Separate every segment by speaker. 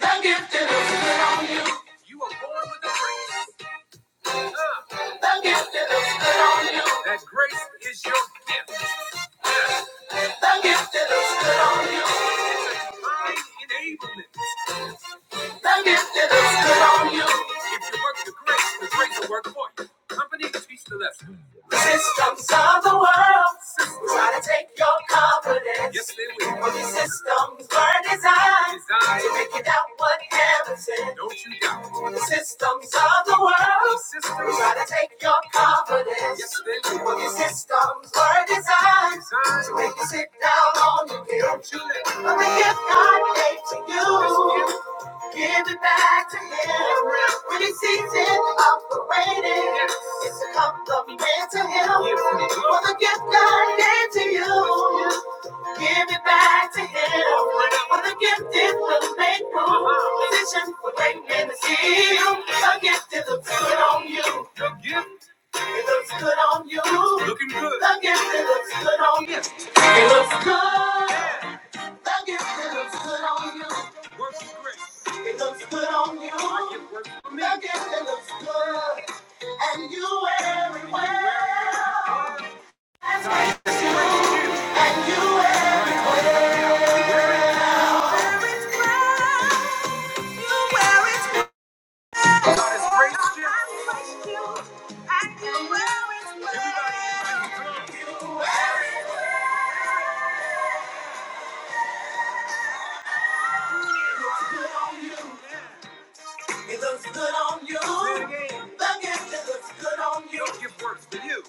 Speaker 1: The gifted looks good on you. You were born with the grace. Uh, the gifted looks good on you. That grace is your gift. The gifted looks good on you. It's a divine enablement. That means that it's good on you. If you work the grace, the grace will work for you. Company teach the lesson. The systems of the world try to take your confidence. Yes, they will. But these systems were designed, designed to make you doubt what heaven said. Don't you doubt. The systems of the world systems try to take your confidence. Yes, they will. But these systems were designed, designed to make you sit down on your guilt. But the gift God gave to you. Give it back to him. When he sees it operating, it's a cup of hand to him. For the gift God gave to you. Give it back to him. For the gift is will make room. Position for greatness is you. The gift is a good on you. The gift. It looks good on you. Looking good. The gift, it looks good on you. It looks good. Thank you. It looks good on you. Work your grip. It looks good on you. It works for me. It looks good. And you everywhere. And you everywhere. It looks good on you. it looks good on you. It looks good on you. It works for you.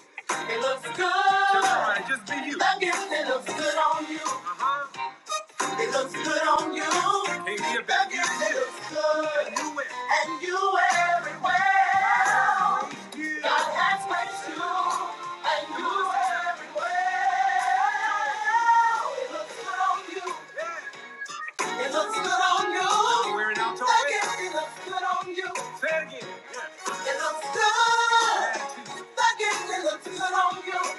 Speaker 1: It looks good. Just, right, be you. Thank you. It looks good on you. Uh-huh. It looks good on you. Can't be a bad girl. It looks good. And you wear And you wear it well. Yeah. God has blessed you. And you wear it well. It looks good on you. Yeah. It looks good on you. Wear it out your waist. it looks good on you. Say it again. Yeah. It looks good. Yeah. it looks good on you.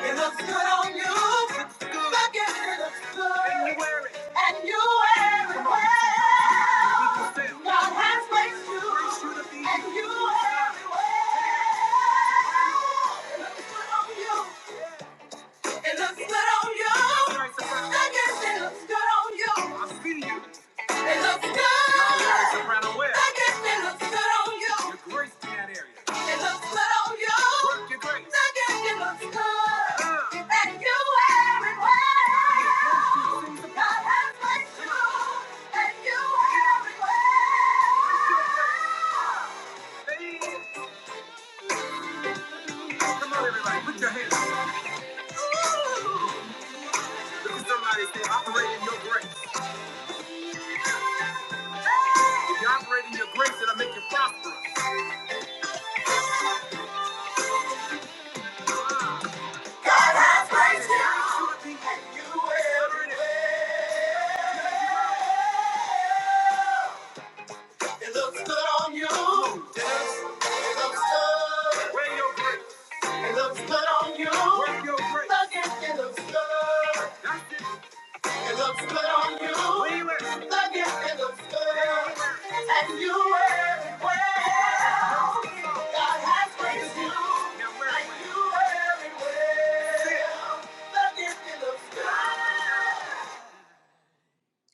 Speaker 1: It looks good on you. Looks good. Look at it. It looks good. And you wear it. And you wear it well. God has placed you. And you wear it well. It looks good on you. It looks good on you. Look at it. It looks good on you. I see you. It looks good. Now, Larry Soprano West. looks good on you. It looks good on you. Work your grace. That looks good. Uh. And you wear it well. God has blessed And you wear it well. Come on, everybody. Put your hands Look at somebody and say, your grace. If you operate in your grace, it'll make you prosperous. God has blessed And you wear it well. It looks good on you. Yes. It looks good. Wear your grace. It looks good on you. Wear your grace. Look it, it looks good. That's it. looks good on you. Wear it. Look it, looks good. And you wear it well. God has graced you. And you wear it well. Look it, it looks good.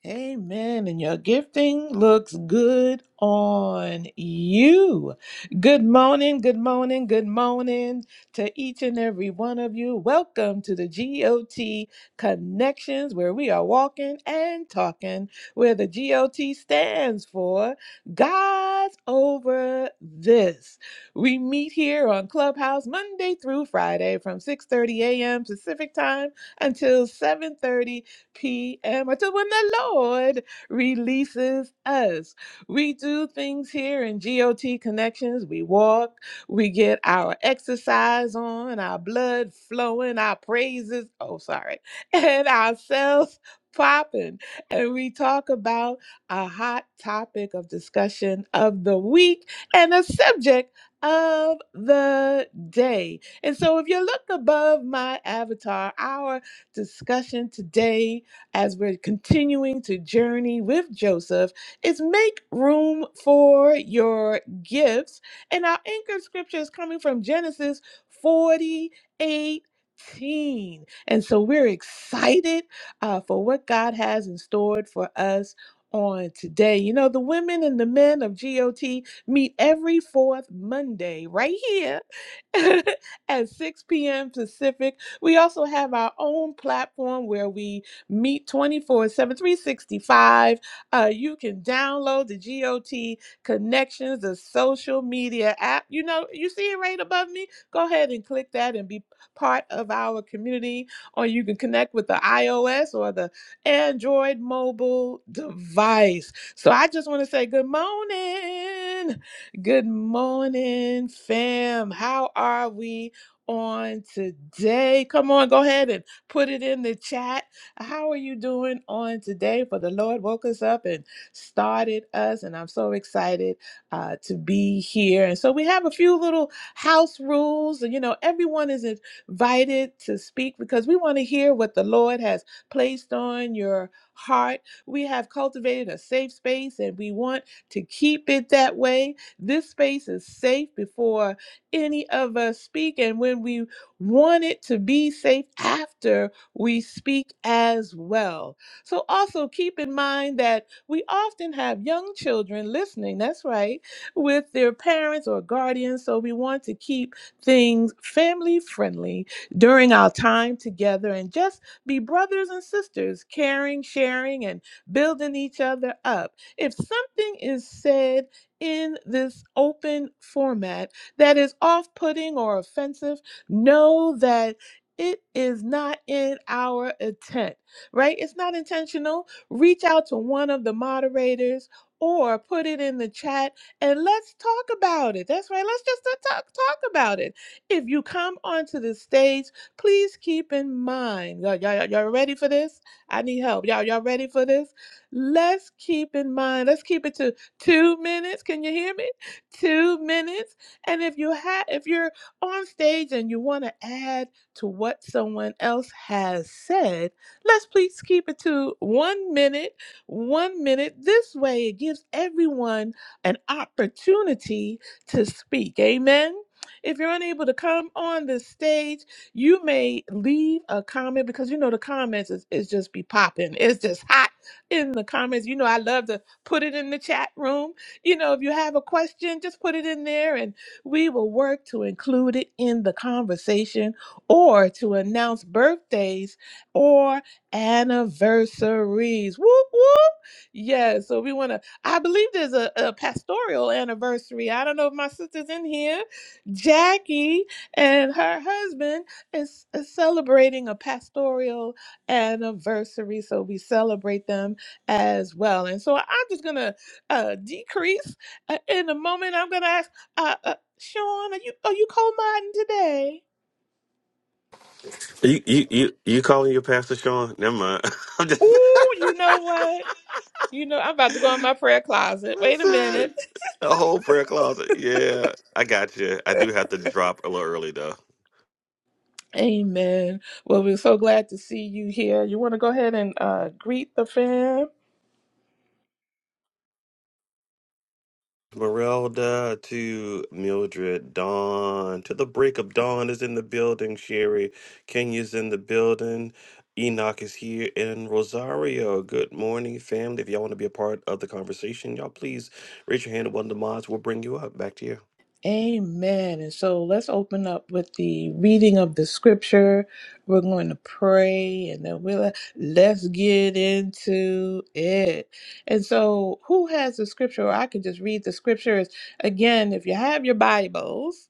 Speaker 1: Amen. And your gifting looks good on you. Good morning, good morning, good morning to each and every one of you. Welcome to the GOT Connections, where we are walking and talking, where the GOT stands for God's Over This. We meet here on Clubhouse Monday through Friday from 6:30 a.m. Pacific time until 7:30 p.m. until when the Lord releases us. We do things here in GOT Connections. We walk, we get our exercise on, our blood flowing, our praises, oh, sorry, and ourselves popping. And we talk about a hot topic of discussion of the week and a subject of the day. And so if you look above my avatar, our discussion today as we're continuing to journey with Joseph is make room for your gifts. And our anchor scripture is coming from Genesis 48. And so we're excited uh, for what God has in store for us on today. You know, the women and the men of GOT meet every fourth Monday right here at 6 p.m. Pacific. We also have our own platform where we Meet twenty four seven three sixty five. 7, Uh, you can download the GOT Connections, the social media app. You know, you see it right above me? Go ahead and click that and be part of our community. Or you can connect with the iOS or the Android mobile device. So I just want to say good morning. Good morning, fam. How are we on today? Come on, go ahead and put it in the chat how are you doing on today? For the Lord woke us up and started us, and I'm so excited uh, to be here. And so we have a few little house rules. You know, everyone is invited to speak because we want to hear what the Lord has placed on your heart. We have cultivated a safe space, and we want to keep it that way. This space is safe before any of us speak, and when we want it to be safe after we speak as well. So also keep in mind that we often have young children listening, that's right, with their parents or guardians. So we want to keep things family friendly during our time together and just be brothers and sisters, caring, sharing, and building each other up. If something is said in this open format that is off putting or offensive, know that it is not in our intent, right? It's not intentional. Reach out to one of the moderators or put it in the chat and let's talk about it. That's right. Let's just uh, talk talk about it. If you come onto the stage, please keep in mind. Y'all, y'all, y'all y'all ready for this? I need help. Y'all, y'all ready for this? Let's keep in mind. Let's keep it to two minutes. Can you hear me? Two minutes. And if you have, if you're on stage and you want to add to what someone else has said, let's please keep it to one minute, one minute. This way, it gives everyone an opportunity to speak. Amen. If you're unable to come on the stage, you may leave a comment because you know the comments is, is just be popping. It's just hot in the comments. You know, I love to put it in the chat room. You know, if you have a question, just put it in there and we will work to include it in the conversation or to announce birthdays or anniversaries. Whoop whoop. Yeah, so we want to. I believe there's a, a pastoral anniversary. I don't know if my sister's in here. Jackie and her husband is, is celebrating a pastoral anniversary, so we celebrate them as well. And so I'm just gonna uh, decrease uh, in a moment. I'm gonna ask uh, uh, Sean, are you are you co-modding today?
Speaker 2: You you you you calling your pastor Sean? Never mind. I'm just
Speaker 1: Ooh, you know what? You know, I'm about to go in my prayer closet. Wait a minute.
Speaker 2: listen. A whole prayer closet. Yeah, I got you. I do have to drop a little early though.
Speaker 1: Amen. Well, we're so glad to see you here. You want to go ahead and uh, greet the fam?
Speaker 2: Merelda to Mildred, Dawn to the break of dawn is in the building. Sherry Kenya's in the building. Enoch is here in Rosario. Good morning, family. If y'all want to be a part of the conversation, y'all please raise your hand. and One of the mods will bring you up. Back to you.
Speaker 1: Amen. And so let's open up with the reading of the scripture. We're going to pray and then we'll let's get into it. And so, who has the scripture? Or I can just read the scriptures again. If you have your Bibles,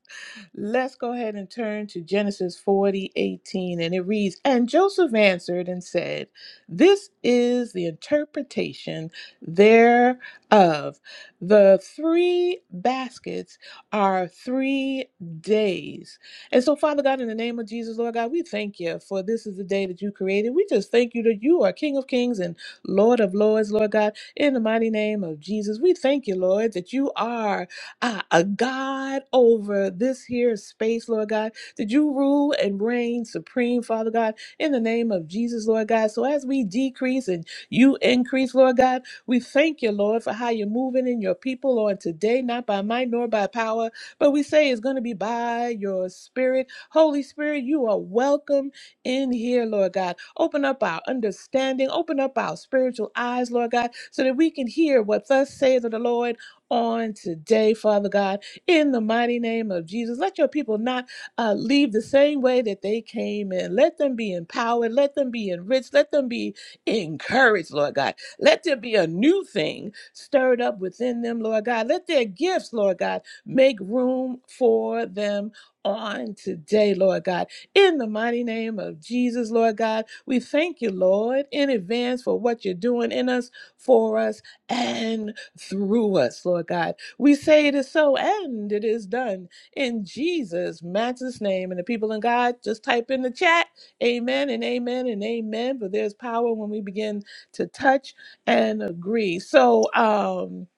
Speaker 1: Let's go ahead and turn to Genesis 40 18, and it reads, And Joseph answered and said, This is the interpretation thereof. The three baskets are three days. And so, Father God, in the name of Jesus, Lord God, we thank you for this is the day that you created. We just thank you that you are King of Kings and Lord of Lords, Lord God, in the mighty name of Jesus. We thank you, Lord, that you are ah, a God over this here space, Lord God, that you rule and reign supreme, Father God, in the name of Jesus, Lord God. So as we decrease and you increase, Lord God, we thank you, Lord, for how you're moving in your people, Lord, today, not by might nor by power, but we say it's going to be by your spirit. Holy Spirit, you are welcome in here, Lord God. Open up our understanding, open up our spiritual eyes, Lord God, so that we can hear what thus saith of the Lord on today, Father God, in the mighty name of Jesus. Let your people not uh, leave the same way that they came in. Let them be empowered. Let them be enriched. Let them be encouraged, Lord God. Let there be a new thing stirred up within them, Lord God. Let their gifts, Lord God, make room for them on today, Lord God. In the mighty name of Jesus, Lord God, we thank you, Lord, in advance for what you're doing in us, for us, and through us, Lord God. We say it is so and it is done in Jesus, matchless name. And the people in God, just type in the chat, amen and amen and amen. But there's power when we begin to touch and agree. So, um,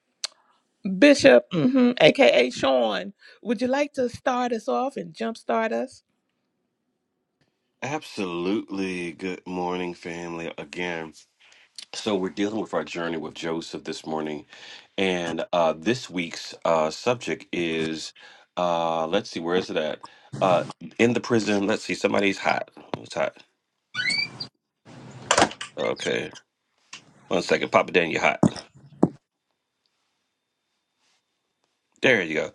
Speaker 1: Bishop, mhm, aka Sean, would you like to start us off and jumpstart us?
Speaker 2: Absolutely. Good morning, family. Again. So we're dealing with our journey with Joseph this morning, and uh, this week's uh, subject is, uh, let's see, where is it at? Uh, in the prison. Let's see, somebody's hot. Who's hot? Okay, one second, Papa Dan, you hot. There you go.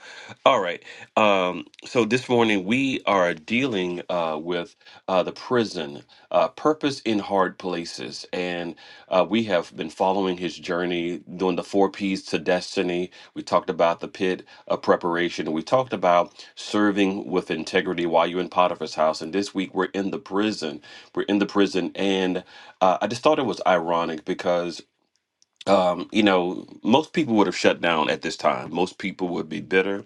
Speaker 2: All right. Um, so this morning we are dealing uh, with uh, the prison, uh, purpose in hard places, and uh, we have been following his journey, doing the four P's to destiny. We talked about the pit of preparation. We talked about serving with integrity while you're in Potiphar's house, and this week we're in the prison. We're in the prison, and uh, I just thought it was ironic because um, you know, most people would have shut down at this time. Most people would be bitter.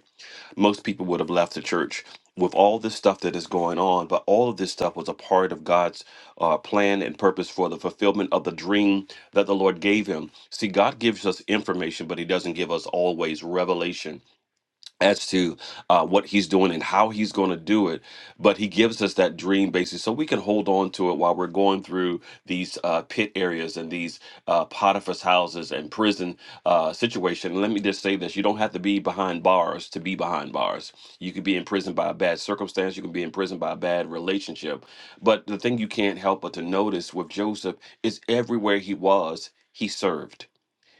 Speaker 2: Most people would have left the church with all this stuff that is going on. But all of this stuff was a part of God's uh, plan and purpose for the fulfillment of the dream that the Lord gave him. See, God gives us information, but He doesn't give us always revelation as to uh, what he's doing and how he's going to do it. But he gives us that dream basis so we can hold on to it while we're going through these uh, pit areas and these uh, Potiphar's houses and prison uh, situation. And let me just say this you don't have to be behind bars to be behind bars. You could be in prison by a bad circumstance, you can be in prison by a bad relationship. But the thing you can't help but to notice with Joseph is everywhere he was, he served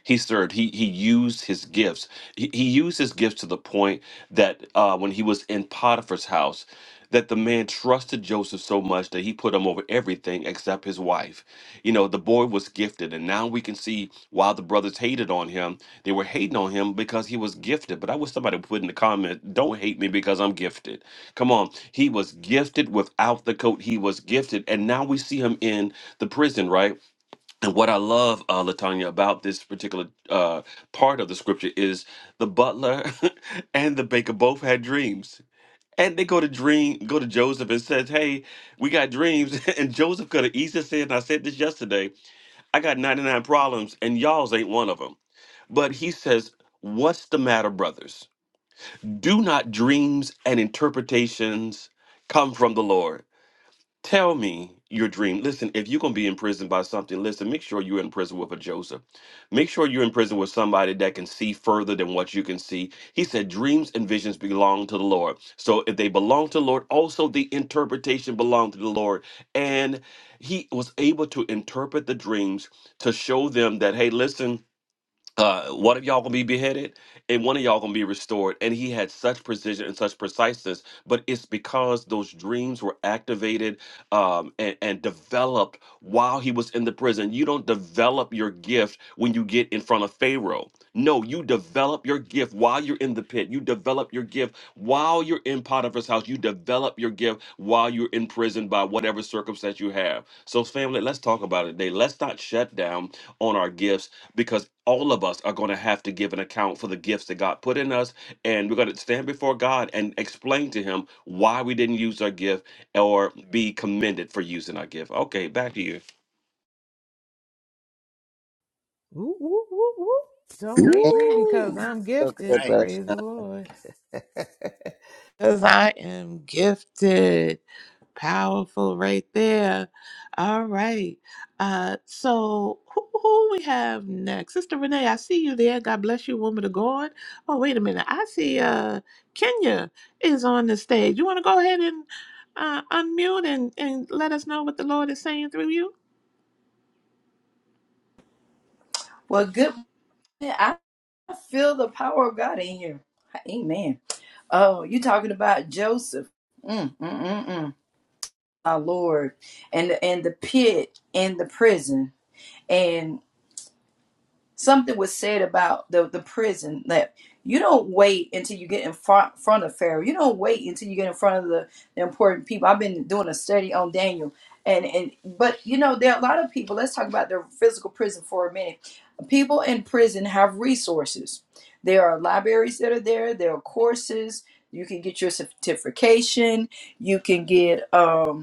Speaker 2: he served. He he used his gifts. He, he used his gifts to the point that uh, when he was in Potiphar's house, that the man trusted Joseph so much that he put him over everything except his wife. You know, the boy was gifted, and now we can see why the brothers hated on him. They were hating on him because he was gifted. But I wish somebody would put in the comment, "Don't hate me because I'm gifted." Come on, he was gifted without the coat. He was gifted, and now we see him in the prison, right? And what I love, uh, Latanya, about this particular uh, part of the scripture is the butler and the baker both had dreams, and they go to dream, go to Joseph and says, "Hey, we got dreams." And Joseph could have easily said, and "I said this yesterday. I got ninety nine problems, and y'all's ain't one of them." But he says, "What's the matter, brothers? Do not dreams and interpretations come from the Lord?" Tell me your dream. Listen, if you're gonna be in prison by something, listen, make sure you're in prison with a Joseph. Make sure you're in prison with somebody that can see further than what you can see. He said, Dreams and visions belong to the Lord. So if they belong to the Lord, also the interpretation belonged to the Lord. And he was able to interpret the dreams to show them that, hey, listen uh, one of y'all gonna be beheaded and one of y'all gonna be restored. And he had such precision and such preciseness, but it's because those dreams were activated um, and, and developed while he was in the prison. You don't develop your gift when you get in front of Pharaoh. No, you develop your gift while you're in the pit. You develop your gift while you're in Potiphar's house. You develop your gift while you're in prison by whatever circumstance you have. So, family, let's talk about it today. Let's not shut down on our gifts because all of us are going to have to give an account for the gifts that God put in us. And we're going to stand before God and explain to Him why we didn't use our gift or be commended for using our gift. Okay, back to you.
Speaker 1: Woo, woo, woo, woo. Don't hate
Speaker 3: Ain't
Speaker 1: me because
Speaker 4: Woo!
Speaker 1: I'm
Speaker 3: so
Speaker 1: gifted.
Speaker 3: good,
Speaker 4: Right.
Speaker 3: brother
Speaker 1: Praise
Speaker 3: Sean.
Speaker 1: the Lord. Because I am gifted. Powerful right there. All right. Uh, so who, who we have next? Sister Renee, I see you there. God bless you, woman of God. Oh, wait a minute. I see uh Kenya is on the stage. You want to go ahead and uh, unmute and, and let us know what the Lord is saying through you?
Speaker 5: Well, good. I feel the power of God in here. Amen. Oh, you talking about Joseph? Mm, mm, mm, mm. My Lord, and and the pit and the prison. and. something was said about the, the prison that you don't wait until you get in front, front of Pharaoh. You don't wait until you get in front of the, the important people. I've been doing a study on Daniel. And, and but you know there are a lot of people let's talk about the physical prison for a minute people in prison have resources there are libraries that are there there are courses you can get your certification you can get um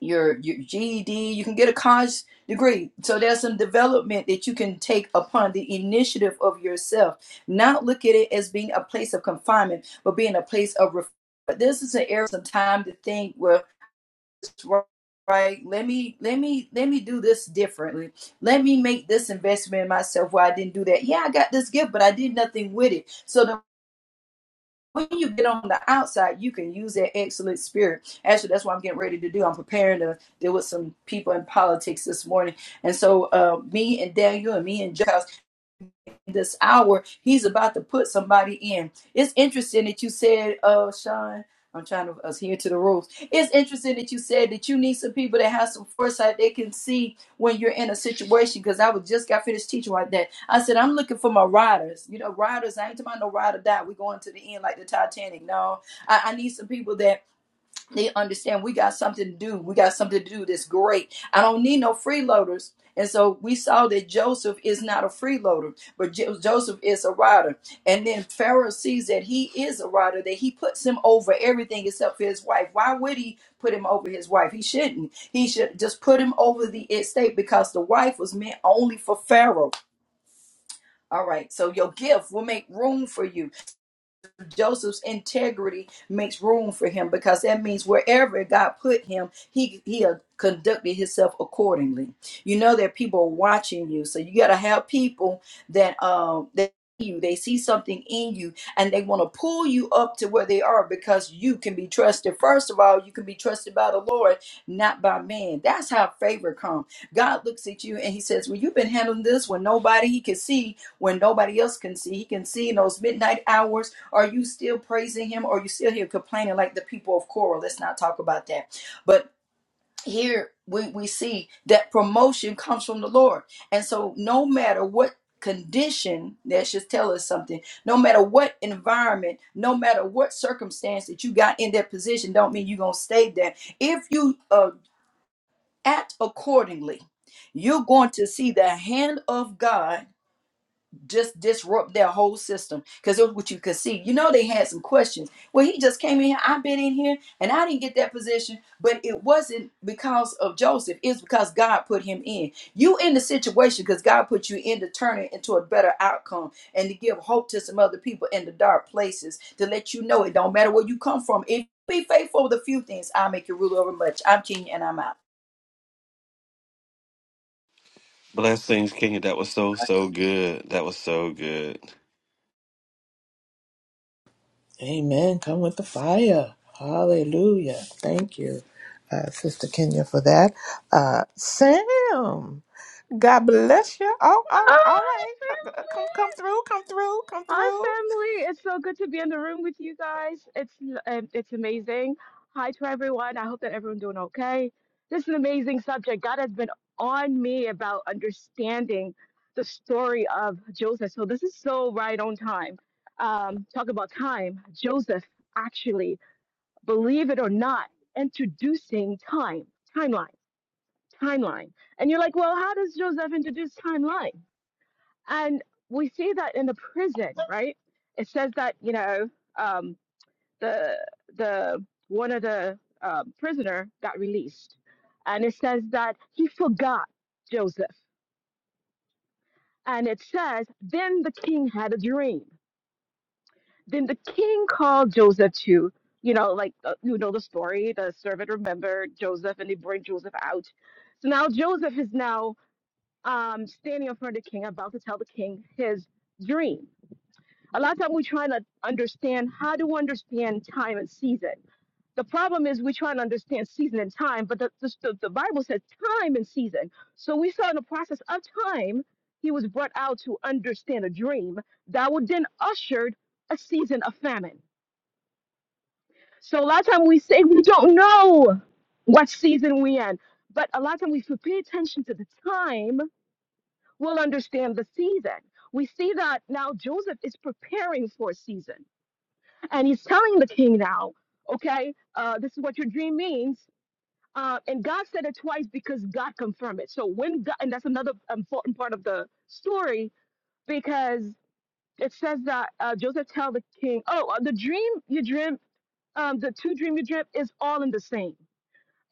Speaker 5: your your GED, you can get a college degree. So there's some development that you can take upon the initiative of yourself. Not look at it as being a place of confinement, but being a place of ref- but this is an area some time to think well right right? let me let me let me do this differently let me make this investment in myself where i didn't do that yeah i got this gift but i did nothing with it so the when you get on the outside, you can use that excellent spirit. Actually, that's what I'm getting ready to do. I'm preparing to deal with some people in politics this morning. And so, uh, me and Daniel and me and Josh this hour he's about to put somebody in it's interesting that you said uh sean i'm trying to adhere to the rules it's interesting that you said that you need some people that have some foresight they can see when you're in a situation because i was just got finished teaching like that i said i'm looking for my riders you know riders i ain't talking about no ride or die we going to the end like the titanic no i, I need some people that they understand we got something to do. We got something to do that's great. I don't need no freeloaders. And so we saw that Joseph is not a freeloader, but Jo- Joseph is a rider. And then Pharaoh sees that he is a rider, that he puts him over everything except for his wife. Why would he put him over his wife? He shouldn't. He should just put him over the estate because the wife was meant only for Pharaoh. All right, so your gift will make room for you. Joseph's integrity makes room for him because that means wherever God put him, he he uh, conducted himself accordingly. You know that people are watching you, so you got to have people that um that see you they see something in you and they want to pull you up to where they are because you can be trusted. First of all, you can be trusted by the Lord, not by man. That's how favor comes. God looks at you and He says, "Well, you've been handling this when nobody He can see, when nobody else can see. He can see in those midnight hours." Are you still praising him? Or are you still here complaining like the people of Korah? Let's not talk about that. But here we, we see that promotion comes from the Lord. And so no matter what condition, that should tell us something, no matter what environment, no matter what circumstance that you got in that position, don't mean you're going to stay there. If you uh, act accordingly, you're going to see the hand of God just disrupt their whole system because that's what you could see. You know, they had some questions. Well, he just came in here, I've been in here, and I didn't get that position, but it wasn't because of Joseph, it's because God put him in. You in the situation because God put you in to turn it into a better outcome and to give hope to some other people in the dark places to let you know it don't matter where you come from. If you be faithful with a few things, I'll make you ruler over much. I'm Kenya and I'm out.
Speaker 2: Blessings, King. That was so, so good. That was so good.
Speaker 1: Amen. Come with the fire. Hallelujah. Thank you, uh, Sister Kenya, for that. Uh, Sam, God bless you. Oh,
Speaker 6: Hi,
Speaker 1: oh, all right. Uh, uh, Come,
Speaker 6: family.
Speaker 1: come through. Come through. Come
Speaker 6: Hi,
Speaker 1: through.
Speaker 6: family. It's so good to be in the room with you guys. It's um, it's amazing. Hi to everyone. I hope that everyone's doing okay. This is an amazing subject. God has been on me about understanding the story of Joseph. So this is so right on time. Um, talk about time. Joseph actually, believe it or not, introducing time, timeline, timeline. And you're like, well, how does Joseph introduce timeline? And we see that in the prison, right? It says that you know um, the the one of the um, prisoner got released, and it says that he forgot Joseph. And it says then the king had a dream. Then the king called Joseph to you know like uh, you know the story. The servant remembered Joseph, and they bring Joseph out. So now Joseph is now um, standing in front of the king, about to tell the king his dream A lot of time we try to understand how to understand time and season. The problem is we try to understand season and time, but the, the, the Bible says time and season. So we saw in the process of time, he was brought out to understand a dream that would then ushered a season of famine. So a lot of time we say we don't know what season we in, but a lot of time we if we pay attention to the time, we'll understand the season. We see that now Joseph is preparing for a season and he's telling the king now, okay, uh, this is what your dream means. Uh, and God said it twice because God confirmed it. So when God, and that's another important part of the story because it says that uh, Joseph tell the king, oh, uh, the dream you dream, um, the two dream you dream is all in the same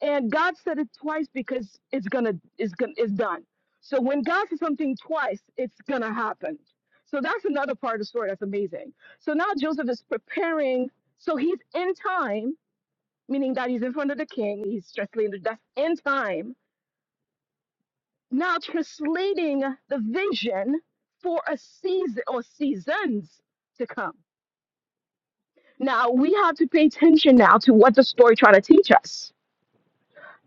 Speaker 6: and God said it twice because it's gonna it's gonna it's done. So when God says something twice, it's gonna happen. So that's another part of the story that's amazing. So now Joseph is preparing. So he's in time, meaning that he's in front of the king. He's translating the- that's in time. Now translating the vision for a season or seasons to come. Now we have to pay attention now to what the story trying to teach us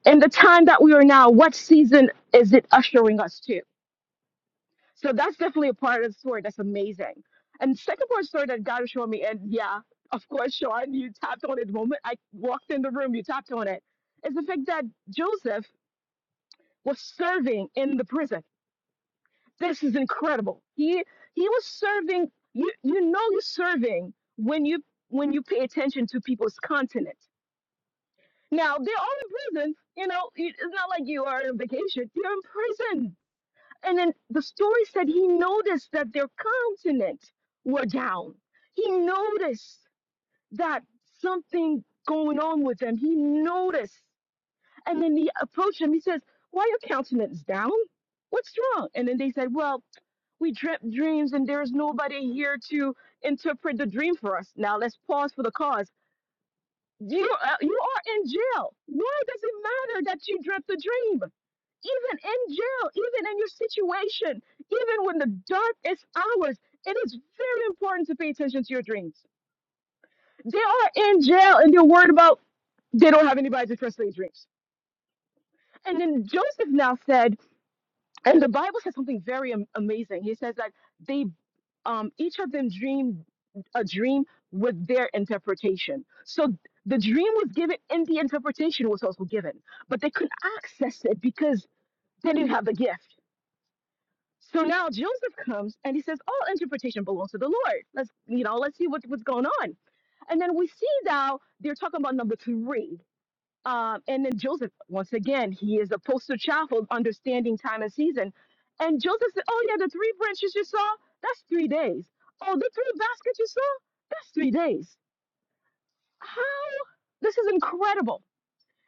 Speaker 6: in the time that we are now, what season is it ushering us to? So that's definitely a part of the story that's amazing. And second part of the story that God was showing me, and yeah, of course, Sean, you tapped on it the moment I walked in the room, you tapped on it, is the fact that Joseph was serving in the prison. This is incredible. He he was serving, you you know you're serving when you when you pay attention to people's continent. Now they're all in prison, you know, it- it's not like you are on vacation. You're in prison And then the story said he noticed that their countenance were down. He noticed that something going on with them. He noticed. And then he approached them. He says, Why your countenance down? What's wrong? And then they said, Well, we dreamt dreams and there is nobody here to interpret the dream for us. Now let's pause for the cause you uh, you are in jail. Why does it matter that you dreamt the dream? Even in jail, even in your situation, even when the darkest hours, it is very important to pay attention to your dreams. They are in jail and they're worried about they don't have anybody to trust their dreams. And then Joseph now said. And the Bible says something very am- amazing. He says that they, um, each of them dreamed a dream with their interpretation. So the dream was given and the interpretation was also given, but they couldn't access it because they didn't have the gift. So now Joseph comes and he says, all interpretation belongs to the Lord. Let's, you know, let's see what, what's going on. And then we see now they're talking about number three. Um, and then Joseph, once again, he is a poster child for understanding time and season. And Joseph said, Oh, yeah, the three branches you saw, that's three days. Oh, the three baskets you saw, that's three days. How? This is incredible.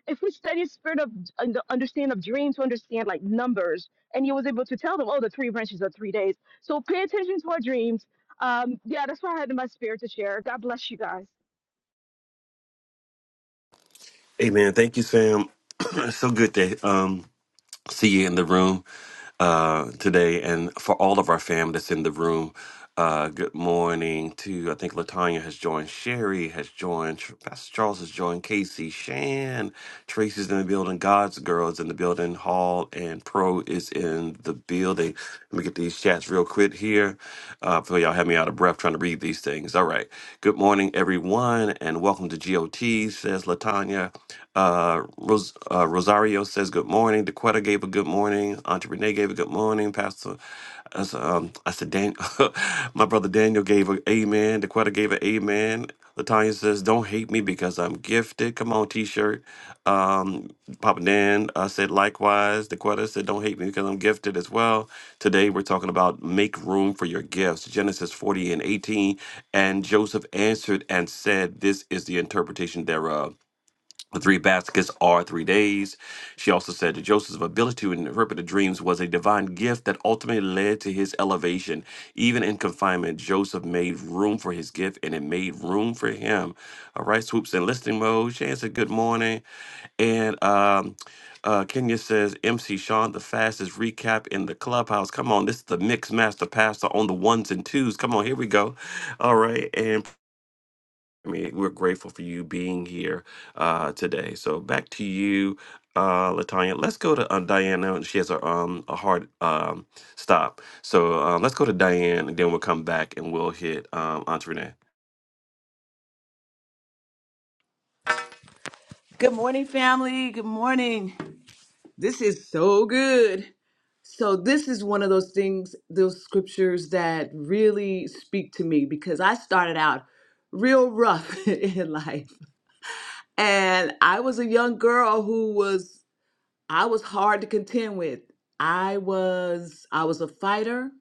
Speaker 6: If we study spirit of and the understand of dreams to understand like numbers, and he was able to tell them, oh, the three branches are three days. So pay attention to our dreams. Um, yeah, that's what I had in my spirit to share. God bless you guys.
Speaker 2: Amen. Thank you, Sam. It's so good that um see you in the room uh, today, and for all of our fam that's in the room. Uh, good morning to I think Latanya has joined, Sherry has joined, Tr- Pastor Charles has joined, Casey, Shan, Tracy's in the building, God's girl is in the building, Hall and Pro is in in the building. Let me get these chats real quick here. Uh, before y'all have me out of breath trying to read these things. All right. Good morning, everyone, and welcome to GOT, says Latanya. Uh, Ros- uh, Rosario says good morning. DeQuetta gave a good morning. Auntie Renee gave a good morning. Pastor I said, um, I said Dan- my brother Daniel gave a amen. Dequetta gave an amen. Latanya says, don't hate me because I'm gifted. Come on, t-shirt. Um, Papa Dan uh, said likewise. DeQuetta said, Don't hate me because I'm gifted as well. Today we're talking about make room for your gifts, Genesis 40 and 18. And Joseph answered and said, This is the interpretation thereof. The three baskets are three days. She also said that Joseph's ability to interpret the dreams was a divine gift that ultimately led to his elevation. Even in confinement, Joseph made room for his gift and it made room for him. All right, swoops in listening mode. Shan said, Good morning. And um, uh, Kenya says, MC Sean, the fastest recap in the clubhouse. Come on, this is the mix master pastor on the ones and twos. Come on, here we go. All right. And I mean, we're grateful for you being here uh, today. So back to you, uh, Latanya. Let's go to uh, Diana. She has a, um, a hard um, stop. So uh, let's go to Diane, and then we'll come back and we'll hit um, Aunt Renee.
Speaker 7: Good morning, family. Good morning. This is so good. So, this is one of those things, those scriptures that really speak to me because I started out real rough in life. And I was a young girl who was, I was hard to contend with. I was, I was a fighter.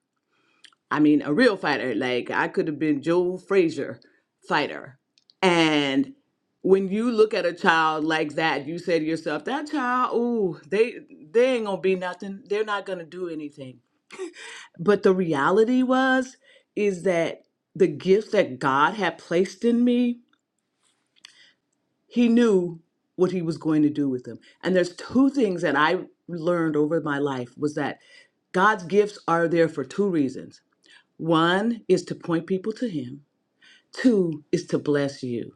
Speaker 7: I mean, a real fighter. Like I could have been Joe Frazier fighter. And when you look at a child like that, you say to yourself, that child, ooh, they they ain't gonna be nothing. They're not gonna do anything. But the reality was is that the gifts that God had placed in me, he knew what he was going to do with them. And there's two things that I learned over my life was that God's gifts are there for two reasons. One is to point people to him Two is to bless you.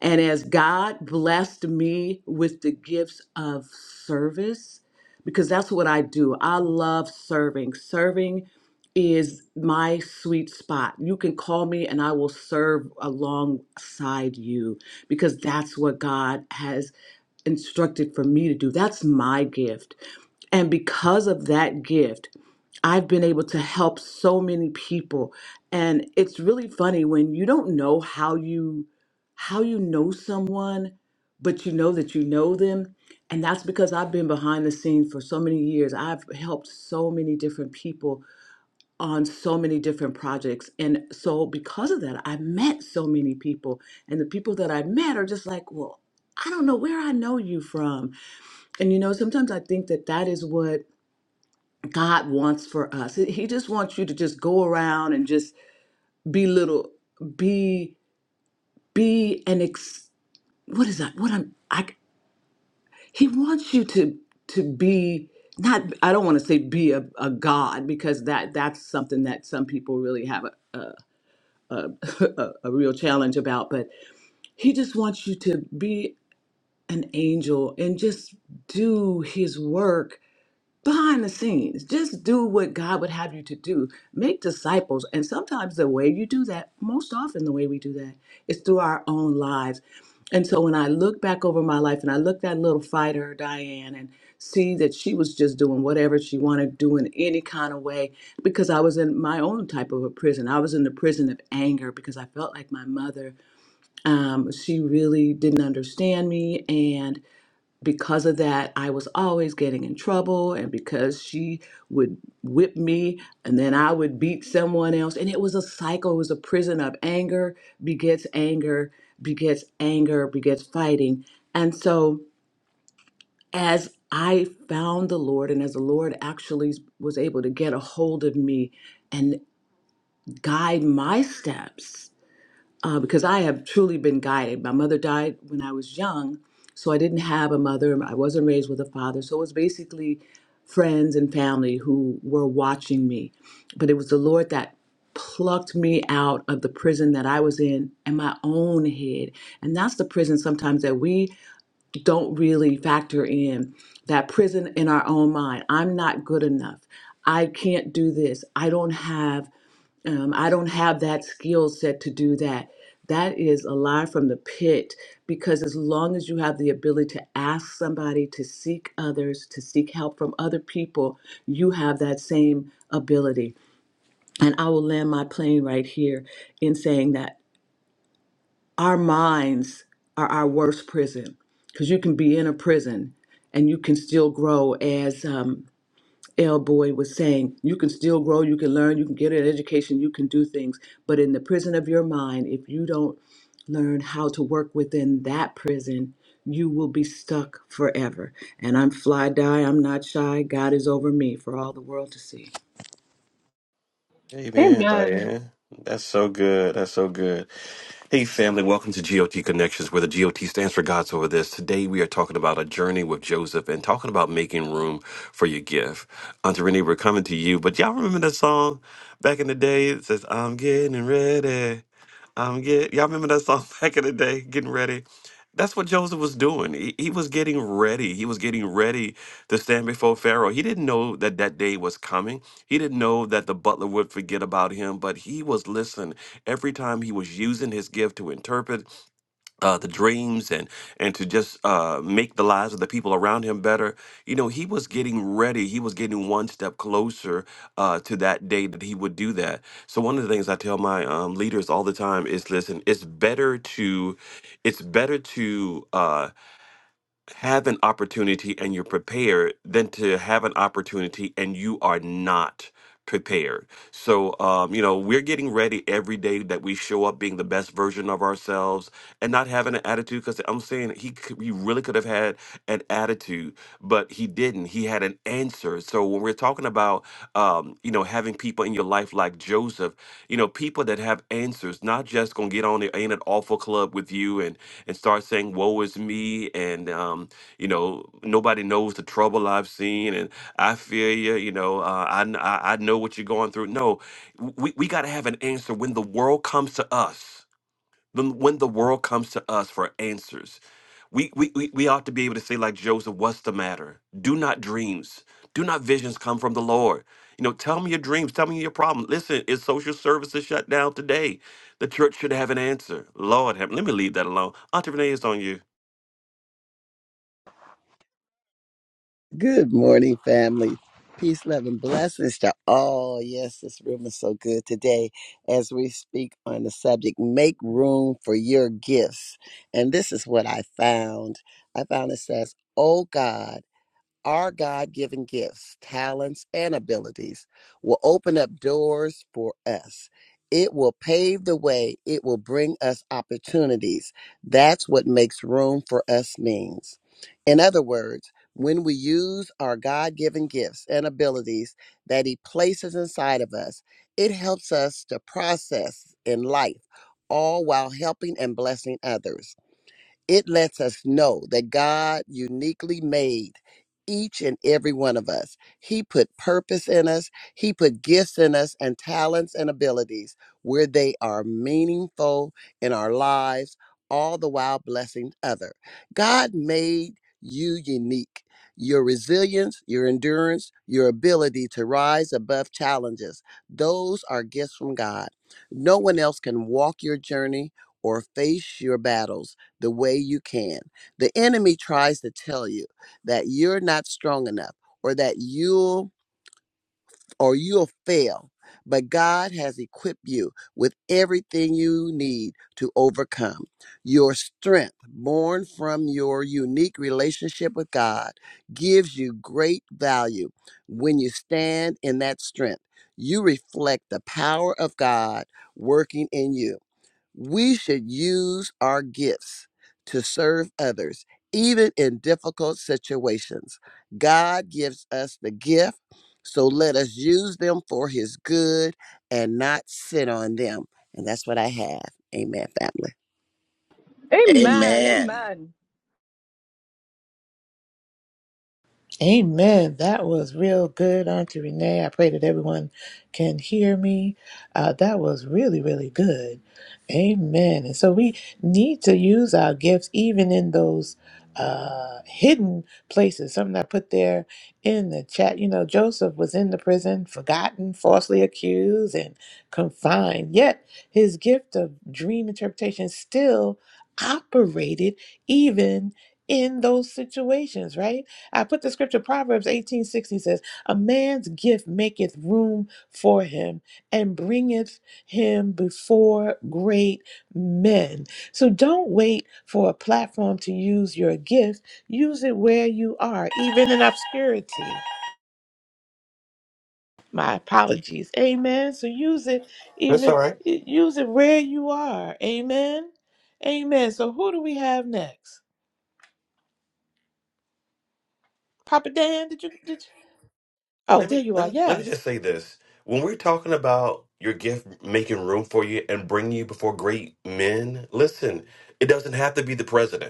Speaker 7: And as God blessed me with the gifts of service, because that's what I do, I love serving. Serving is my sweet spot. You can call me and I will serve alongside you because that's what God has instructed for me to do. That's my gift. And because of that gift, I've been able to help so many people. And it's really funny when you don't know how you how you know someone, but you know that you know them. And that's because I've been behind the scenes for so many years. I've helped so many different people on so many different projects. And so, because of that, I met so many people. And the people that I met are just like, well, I don't know where I know you from. And you know, sometimes I think that that is what God wants for us. He just wants you to just go around and just be little, be, be an ex. What is that? What I'm, I, He wants you to to be not I don't want to say be a, a god because that that's something that some people really have a a, a a a real challenge about but he just wants you to be an angel and just do his work behind the scenes. Just do what God would have you to do. Make disciples. And sometimes the way you do that, most often the way we do that, is through our own lives. And so when I look back over my life and I look at little fighter Diane and see that she was just doing whatever she wanted to do in any kind of way because I was in my own type of a prison. I was in the prison of anger because I felt like my mother, um, she really didn't understand me and because of that, I was always getting in trouble, and because she would whip me, and then I would beat someone else. And it was a cycle, it was a prison of anger begets anger, begets anger, begets fighting. And so, as I found the Lord, and as the Lord actually was able to get a hold of me and guide my steps, uh, because I have truly been guided. My mother died when I was young, so I didn't have a mother. I wasn't raised with a father, so it was basically friends and family who were watching me. But it was the Lord that plucked me out of the prison that I was in and my own head. And that's the prison sometimes that we don't really factor in that prison in our own mind. I'm not good enough. I can't do this. I don't have um, I don't have that skill set to do that. That is a lie from the pit because as long as you have the ability to ask somebody, to seek others, to seek help from other people, you have that same ability. And I will land my plane right here in saying that our minds are our worst prison because you can be in a prison and you can still grow as um, L. Boyd was saying, you can still grow, you can learn, you can get an education, you can do things. But in the prison of your mind, if you don't learn how to work within that prison, you will be stuck forever. And I'm fly die, I'm not shy. God is over me for all the world to see.
Speaker 2: Hey,
Speaker 6: Amen.
Speaker 2: Diane. That's so good. That's so good. Hey, family, welcome to GOT Connections, where the GOT stands for God's Over This. Today, we are talking about a journey with Joseph and talking about making room for your gift. Auntie Renee, we're coming to you, but y'all remember that song back in the day? It says, I'm getting ready. Um, yeah, y'all remember that song back in the day, getting ready. That's what Joseph was doing. He, he was getting ready. He was getting ready to stand before Pharaoh. He didn't know that that day was coming. He didn't know that the butler would forget about him, but he was, listen, every time he was using his gift to interpret uh, the dreams and and to just uh, make the lives of the people around him better. You know, he was getting ready. He was getting one step closer uh, to that day that he would do that. So one of the things I tell my um, leaders all the time is, listen, it's better to, it's better to. Uh, have an opportunity and you're prepared than to have an opportunity and you are not prepared. So, um, you know, we're getting ready every day that we show up being the best version of ourselves and not having an attitude because I'm saying he could, he really could have had an attitude, but he didn't. He had an answer. So when we're talking about, um, you know, having people in your life like Joseph, you know, people that have answers, not just going to get on the Ain't It Awful Club with you and and start saying, Woe is me. And, um, you know, nobody knows the trouble I've seen. And I feel you, you know, uh, I, kn- I, I know what you're going through. No, w- we, we got to have an answer when the world comes to us. The- When the world comes to us for answers, we, we, we we ought to be able to say, like Joseph, what's the matter? Do not dreams, do not visions come from the Lord. You know, tell me your dreams, tell me your problem. Listen, is social services shut down today? The church should have an answer. Lord, have, let me leave that alone. Auntie Renee, it's on you.
Speaker 3: Good morning, family. Peace, love, and blessings to all. Yes, this room is so good today as we speak on the subject make room for your gifts. And this is what I found. I found it says, Oh God. Our God given gifts, talents, and abilities will open up doors for us. It will pave the way, it will bring us opportunities. That's what makes room for us means. In other words, when we use our God given gifts and abilities that He places inside of us, it helps us to process in life, all while helping and blessing others. It lets us know that God uniquely made each and every one of us. He put purpose in us, He put gifts in us, and talents and abilities where they are meaningful in our lives, all the while blessing other. God made you unique. Your resilience, your endurance, your ability to rise above challenges, those are gifts from God. No one else can walk your journey or face your battles the way you can. The enemy tries to tell you that you're not strong enough or that you'll or you'll fail. But God has equipped you with everything you need to overcome. Your strength, born from your unique relationship with God, gives you great value when you stand in that strength. You reflect the power of God working in you. We should use our gifts to serve others, even in difficult situations. God gives us the gift, so let us use them for His good and not sit on them. And that's what I have. Amen, family.
Speaker 6: Amen.
Speaker 4: Amen.
Speaker 6: Amen.
Speaker 1: Amen. That was real good, Auntie Renee. I pray that everyone can hear me. Uh, that was really, really good. Amen. And so we need to use our gifts even in those uh, hidden places. Something I put there in the chat. You know, Joseph was in the prison, forgotten, falsely accused, and confined. Yet his gift of dream interpretation still operated even in those situations, right? I put the scripture Proverbs 18:60 says, "A man's gift maketh room for him and bringeth him before great men." So don't wait for a platform to use your gift. Use it where you are, even in obscurity. My apologies. Amen. So use it
Speaker 2: That's all
Speaker 1: even
Speaker 2: right.
Speaker 1: use it where you are. Amen. Amen. So who do we have next? Papa Dan, did you did you, Oh,
Speaker 2: Let
Speaker 1: there
Speaker 2: me
Speaker 1: you
Speaker 2: let
Speaker 1: are.
Speaker 2: me let me
Speaker 1: Yes.
Speaker 2: just say this. When we're talking about your gift making room for you and bringing you before great men, listen, it doesn't have to be the president.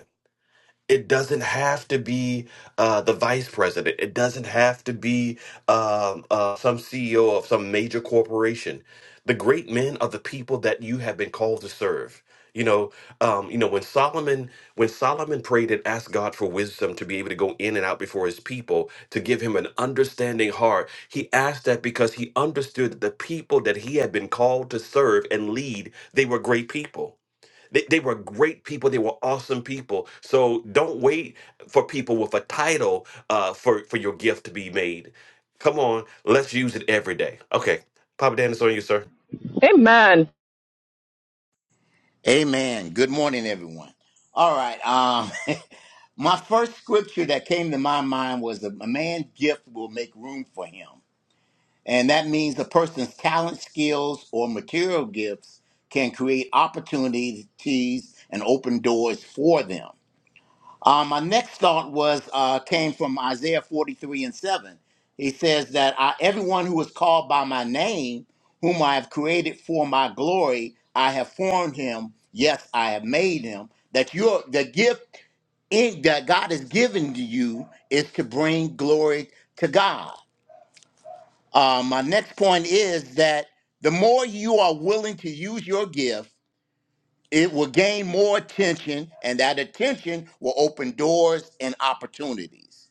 Speaker 2: It doesn't have to be uh, the vice president. It doesn't have to be um, uh, some CEO of some major corporation. The great men are the people that you have been called to serve. You know, um, you know when Solomon when Solomon prayed and asked God for wisdom to be able to go in and out before His people to give him an understanding heart, he asked that because he understood that the people that he had been called to serve and lead they were great people. They, they were great people. They were awesome people. So don't wait for people with a title uh, for, for your gift to be made. Come on, let's use it every day. Okay, Papa Dan, it's on you, sir.
Speaker 6: Amen.
Speaker 4: Amen. Good morning, everyone. All right. Um, my first scripture that came to my mind was a man's gift will make room for him. And that means a person's talent, skills, or material gifts can create opportunities and open doors for them. Uh, my next thought was uh, came from Isaiah 43 and 7. He says that I, everyone who is called by my name, whom I have created for my glory, I have formed him. Yes, I have made him. That your the gift in, that God has given to you is to bring glory to God. Uh, my next point is that the more you are willing to use your gift it will gain more attention, and that attention will open doors and opportunities.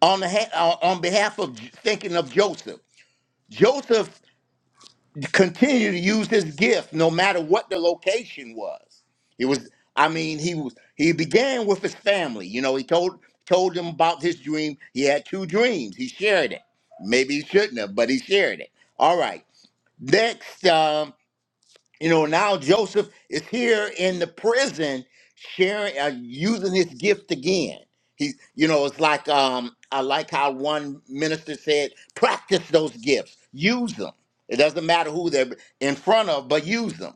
Speaker 4: On, the ha- uh, on behalf of J- thinking of Joseph, Joseph continued to use his gift no matter what the location was. It was, I mean, he was he began with his family. You know, he told told them about his dream. He had two dreams. He shared it. Maybe he shouldn't have, but he shared it. All right. Next, um, you know, now Joseph is here in the prison, sharing, uh, using his gift again. He, you know, it's like um, I like how one minister said, practice those gifts, use them. It doesn't matter who they're in front of, but use them.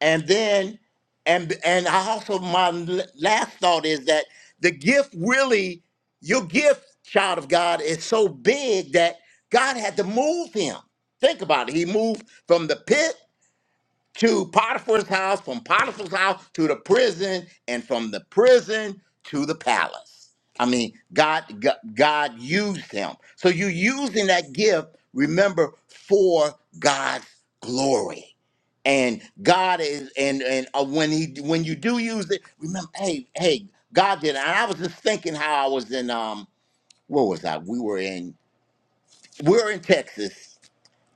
Speaker 4: And then, and and I also my l- last thought is that the gift really, your gift, child of God, is so big that God had to move him. Think about it. He moved from the pit to Potiphar's house, from Potiphar's house to the prison, and from the prison to the palace. I mean, God, God, God used him. So you're using that gift, remember, for God's glory. And God is, and and uh, when he when you do use it, remember, hey, hey, God did. it. And I was just thinking how I was in um, where was I? We were in, we were in Texas,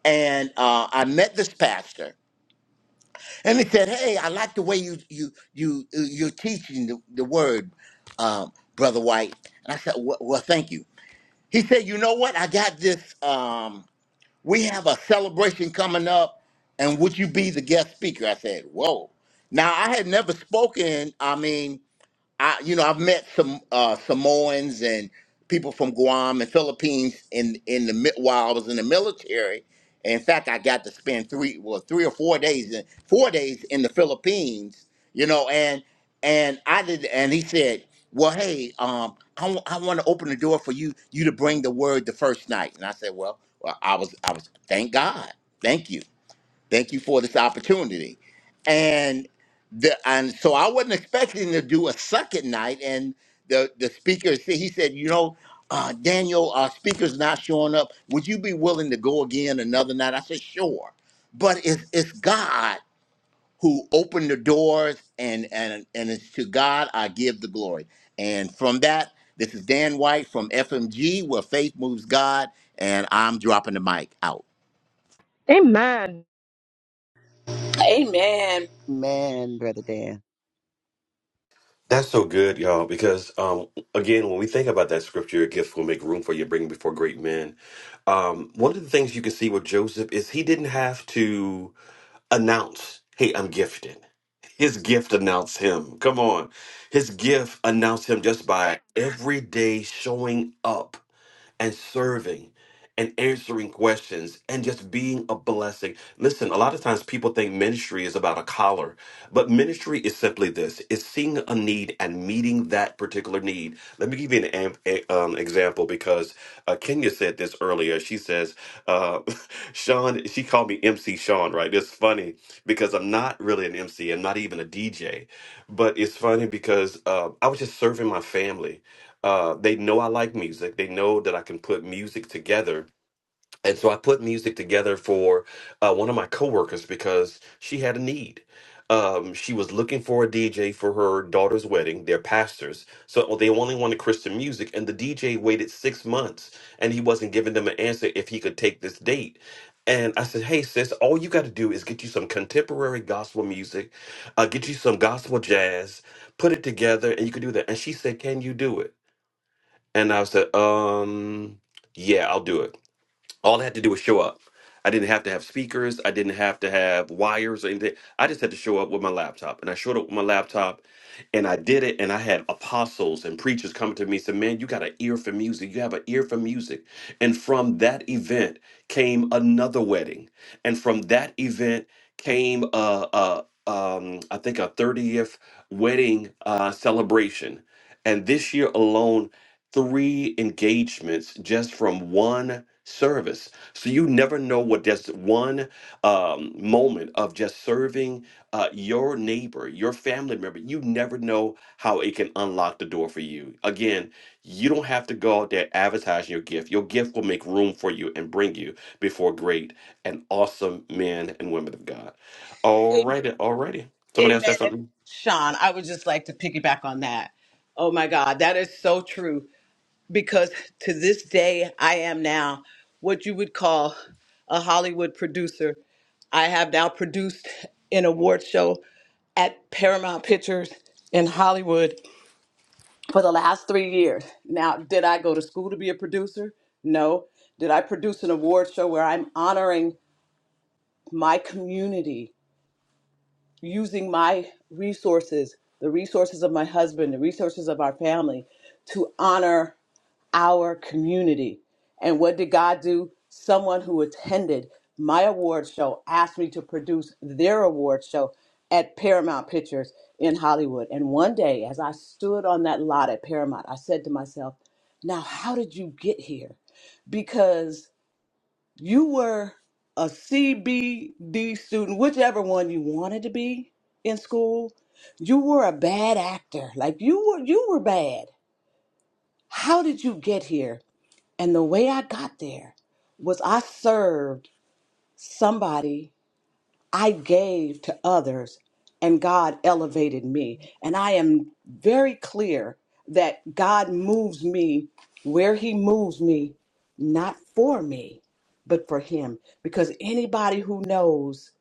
Speaker 4: and uh, I met this pastor, and they said, "Hey, I like the way you you you uh, you're teaching the, the word, um, brother White." And I said, well, "Well, thank you." He said, "You know what? I got this. Um, we have a celebration coming up, and would you be the guest speaker?" I said, "Whoa!" Now I had never spoken. I mean, I, you know, I've met some uh, Samoans and people from Guam and Philippines in in the mi- while I was in the military. And in fact, I got to spend three, well, three or four days in four days in the Philippines. You know, and and I did, and he said, "Well, hey, um, I want to open the door for you you to bring the word the first night." And I said, "Well, well, I was I was thank God, thank you." Thank you for this opportunity. And the and so I wasn't expecting to do a second night. And the the speaker said he said, you know, uh, Daniel, our speaker's not showing up. Would you be willing to go again another night? I said, sure. But it's it's God who opened the doors, and and and it's to God I give the glory. And from that, this is Dan White from FMG, where faith moves God, and I'm dropping the mic out.
Speaker 6: Amen.
Speaker 7: Amen.
Speaker 3: Amen, Brother Dan.
Speaker 2: That's so good, y'all, because um, again, when we think about that scripture, a gift will make room for you, bring before great men. Um, one of the things you can see with Joseph is he didn't have to announce, hey, I'm gifted. His gift announced him. Come on. His gift announced him just by every day showing up and serving and answering questions and just being a blessing. Listen, a lot of times people think ministry is about a collar, but ministry is simply this it's seeing a need and meeting that particular need. Let me give you an am- a, um, example because uh, Kenya said this earlier. She says, uh, Sean, she called me MC Sean, right? It's funny because I'm not really an MC, I'm not even a DJ, but it's funny because uh, I was just serving my family uh, they know I like music. They know that I can put music together. And so I put music together for uh, one of my coworkers because she had a need. Um, she was looking for a DJ for her daughter's wedding. They're pastors, so they only wanted Christian music. And the DJ waited six months, and he wasn't giving them an answer if he could take this date. And I said, "Hey, sis, all you got to do is get you some contemporary gospel music, uh, get you some gospel jazz, put it together, and you can do that." And she said, "Can you do it?" And I said, um, yeah, I'll do it. All I had to do was show up. I didn't have to have speakers. I didn't have to have wires or anything. I just had to show up with my laptop. And I showed up with my laptop and I did it. And I had apostles and preachers coming to me and said, Man, you got an ear for music. You have an ear for music. And from that event came another wedding. And from that event came, uh, uh, um, I think, a 30th wedding uh, celebration. And this year alone, three engagements just from one service. So you never know what just one um, moment of just serving uh, your neighbor, your family member, you never know how it can unlock the door for you. Again, you don't have to go out there advertising your gift. Your gift will make room for you and bring you before great and awesome men and women of God. All
Speaker 7: A-
Speaker 2: righty, all righty. Somebody else
Speaker 7: Amen.
Speaker 2: said something?
Speaker 7: Sean, I would just like to piggyback on that. Oh my God, that is so true. because to this day I am now what you would call a Hollywood producer. I have now produced an award show at Paramount Pictures in Hollywood for the last three years. Now, did I go to school to be a producer? No. Did I produce an award show where I'm honoring my community using my resources, the resources of my husband, the resources of our family to honor? our community. And what did God do? Someone who attended my award show asked me to produce their award show at Paramount Pictures in Hollywood. And one day, as I stood on that lot at Paramount, I said to myself, Now, how did you get here? Because you were a C, B, D student, whichever one you wanted to be in school. You were a bad actor. Like you were you were bad. How did you get here? And the way I got there was I served somebody, I gave to others, and God elevated me. And I am very clear that God moves me where He moves me, not for me, but for Him. Because anybody who knows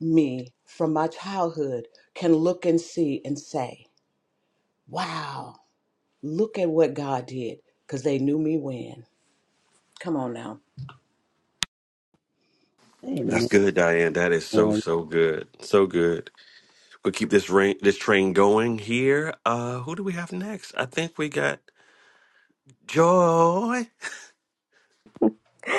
Speaker 7: me from my childhood can look and see and say, wow, look at what God did, because they knew me when. Come on now.
Speaker 2: That's
Speaker 3: Amen.
Speaker 2: good, Diane. That is so, so good. So good. We'll keep this rain, this train going here. Uh, who do we have next? I think we got Joy.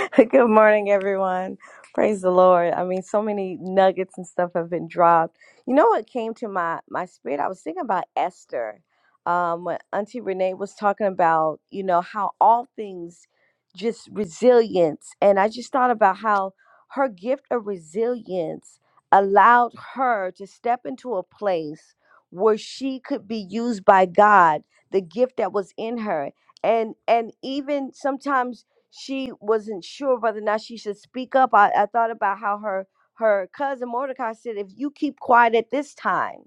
Speaker 8: Good morning, everyone. Praise the Lord. I mean, so many nuggets and stuff have been dropped. You know what came to my my spirit? I was thinking about Esther. Um, when Auntie Renee was talking about, you know, how all things just resilience, and I just thought about how her gift of resilience allowed her to step into a place where she could be used by God, the gift that was in her, and and even sometimes she wasn't sure whether or not she should speak up. I, I thought about how her her cousin Mordecai said, if you keep quiet at this time,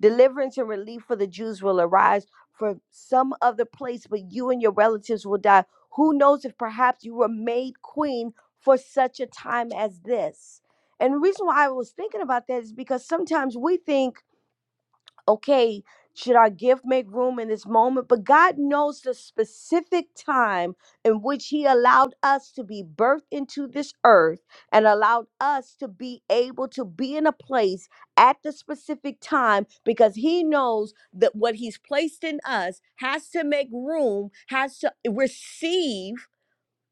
Speaker 8: deliverance and relief for the Jews will arise from some other place, but you and your relatives will die. Who knows if perhaps you were made queen for such a time as this? And the reason why I was thinking about that is because sometimes we think okay, should our gift make room in this moment? But God knows the specific time in which He allowed us to be birthed into this earth and allowed us to be able to be in a place at the specific time because He knows that what He's placed in us has to make room, has to receive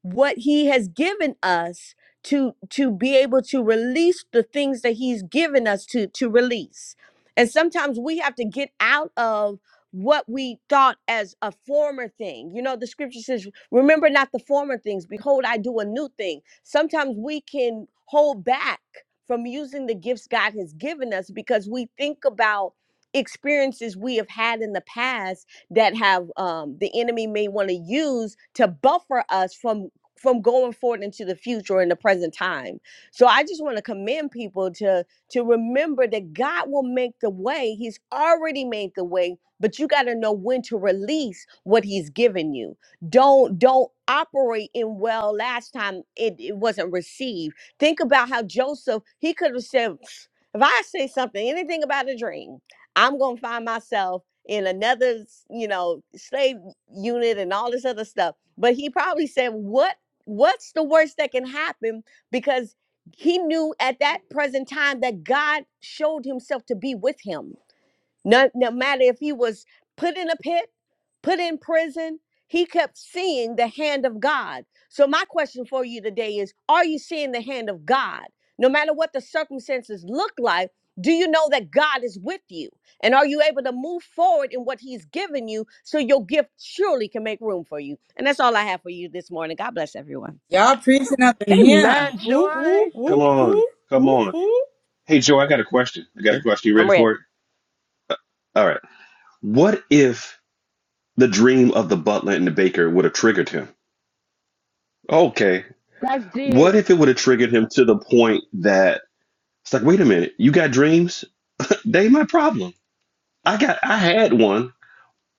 Speaker 8: what he has given us to to be able to release the things that he's given us to to release and sometimes we have to get out of what we thought as a former thing you know the scripture says remember not the former things behold i do a new thing sometimes we can hold back from using the gifts god has given us because we think about experiences we have had in the past that have um, the enemy may want to use to buffer us from from going forward into the future in the present time. So I just want to commend people to to remember that God will make the way. He's already made the way, but you got to know when to release what he's given you. Don't don't operate in well last time it, it wasn't received. Think about how Joseph, he could have said if I say something anything about a dream, I'm going to find myself in another, you know, slave unit and all this other stuff. But he probably said, "What what's the worst that can happen because he knew at that present time that god showed himself to be with him no, no matter if he was put in a pit put in prison he kept seeing the hand of god so my question for you today is are you seeing the hand of god no matter what the circumstances look like do you know that god is with you and are you able to move forward in what he's given you so your gift surely can make room for you and that's all i have for you this morning god bless everyone
Speaker 9: Y'all preaching up in here.
Speaker 6: Amen,
Speaker 1: Whoop, whoop,
Speaker 6: Joy.
Speaker 2: Come
Speaker 1: whoop,
Speaker 2: on,
Speaker 1: whoop,
Speaker 2: come
Speaker 1: whoop,
Speaker 2: on.
Speaker 1: whoop.
Speaker 2: Hey, Joe, I got a question. I got a question. You ready
Speaker 8: I'm
Speaker 2: for it?
Speaker 8: ready.
Speaker 2: All right. What if the dream of the butler and the baker would have triggered him? Okay.
Speaker 6: That's
Speaker 2: What
Speaker 6: deep.
Speaker 2: if it would have triggered him to the point that it's like, wait a minute, you got dreams? They my problem. I got, I had one.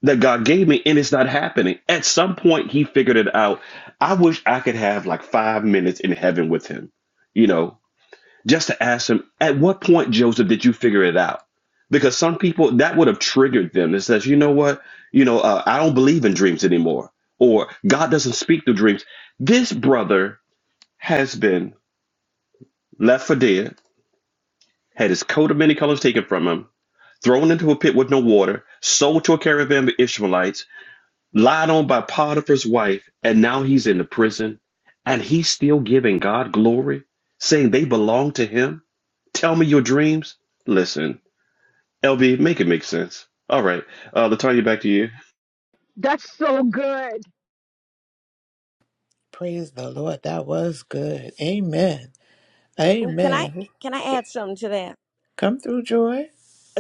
Speaker 2: that God gave me, and it's not happening. At some point, He figured it out. I wish I could have like five minutes in heaven with Him, you know, just to ask Him, at what point, Joseph, did you figure it out? Because some people that would have triggered them. It says, you know what, you know, uh, I don't believe in dreams anymore, or God doesn't speak through dreams. This brother has been left for dead, had his coat of many colors taken from him, thrown into a pit with no water, sold to a caravan of Ishmaelites lied on by Potiphar's wife, and now he's in the prison, and he's still giving God glory, saying they belong to him. Tell me your dreams. Listen, LB, make it make sense. All right, uh, Latonya, back to you.
Speaker 6: That's so good.
Speaker 1: Praise the Lord. That was good. Amen.
Speaker 8: Ooh, can I
Speaker 1: Amen.
Speaker 8: can I add something to that?
Speaker 1: Come through, Joy.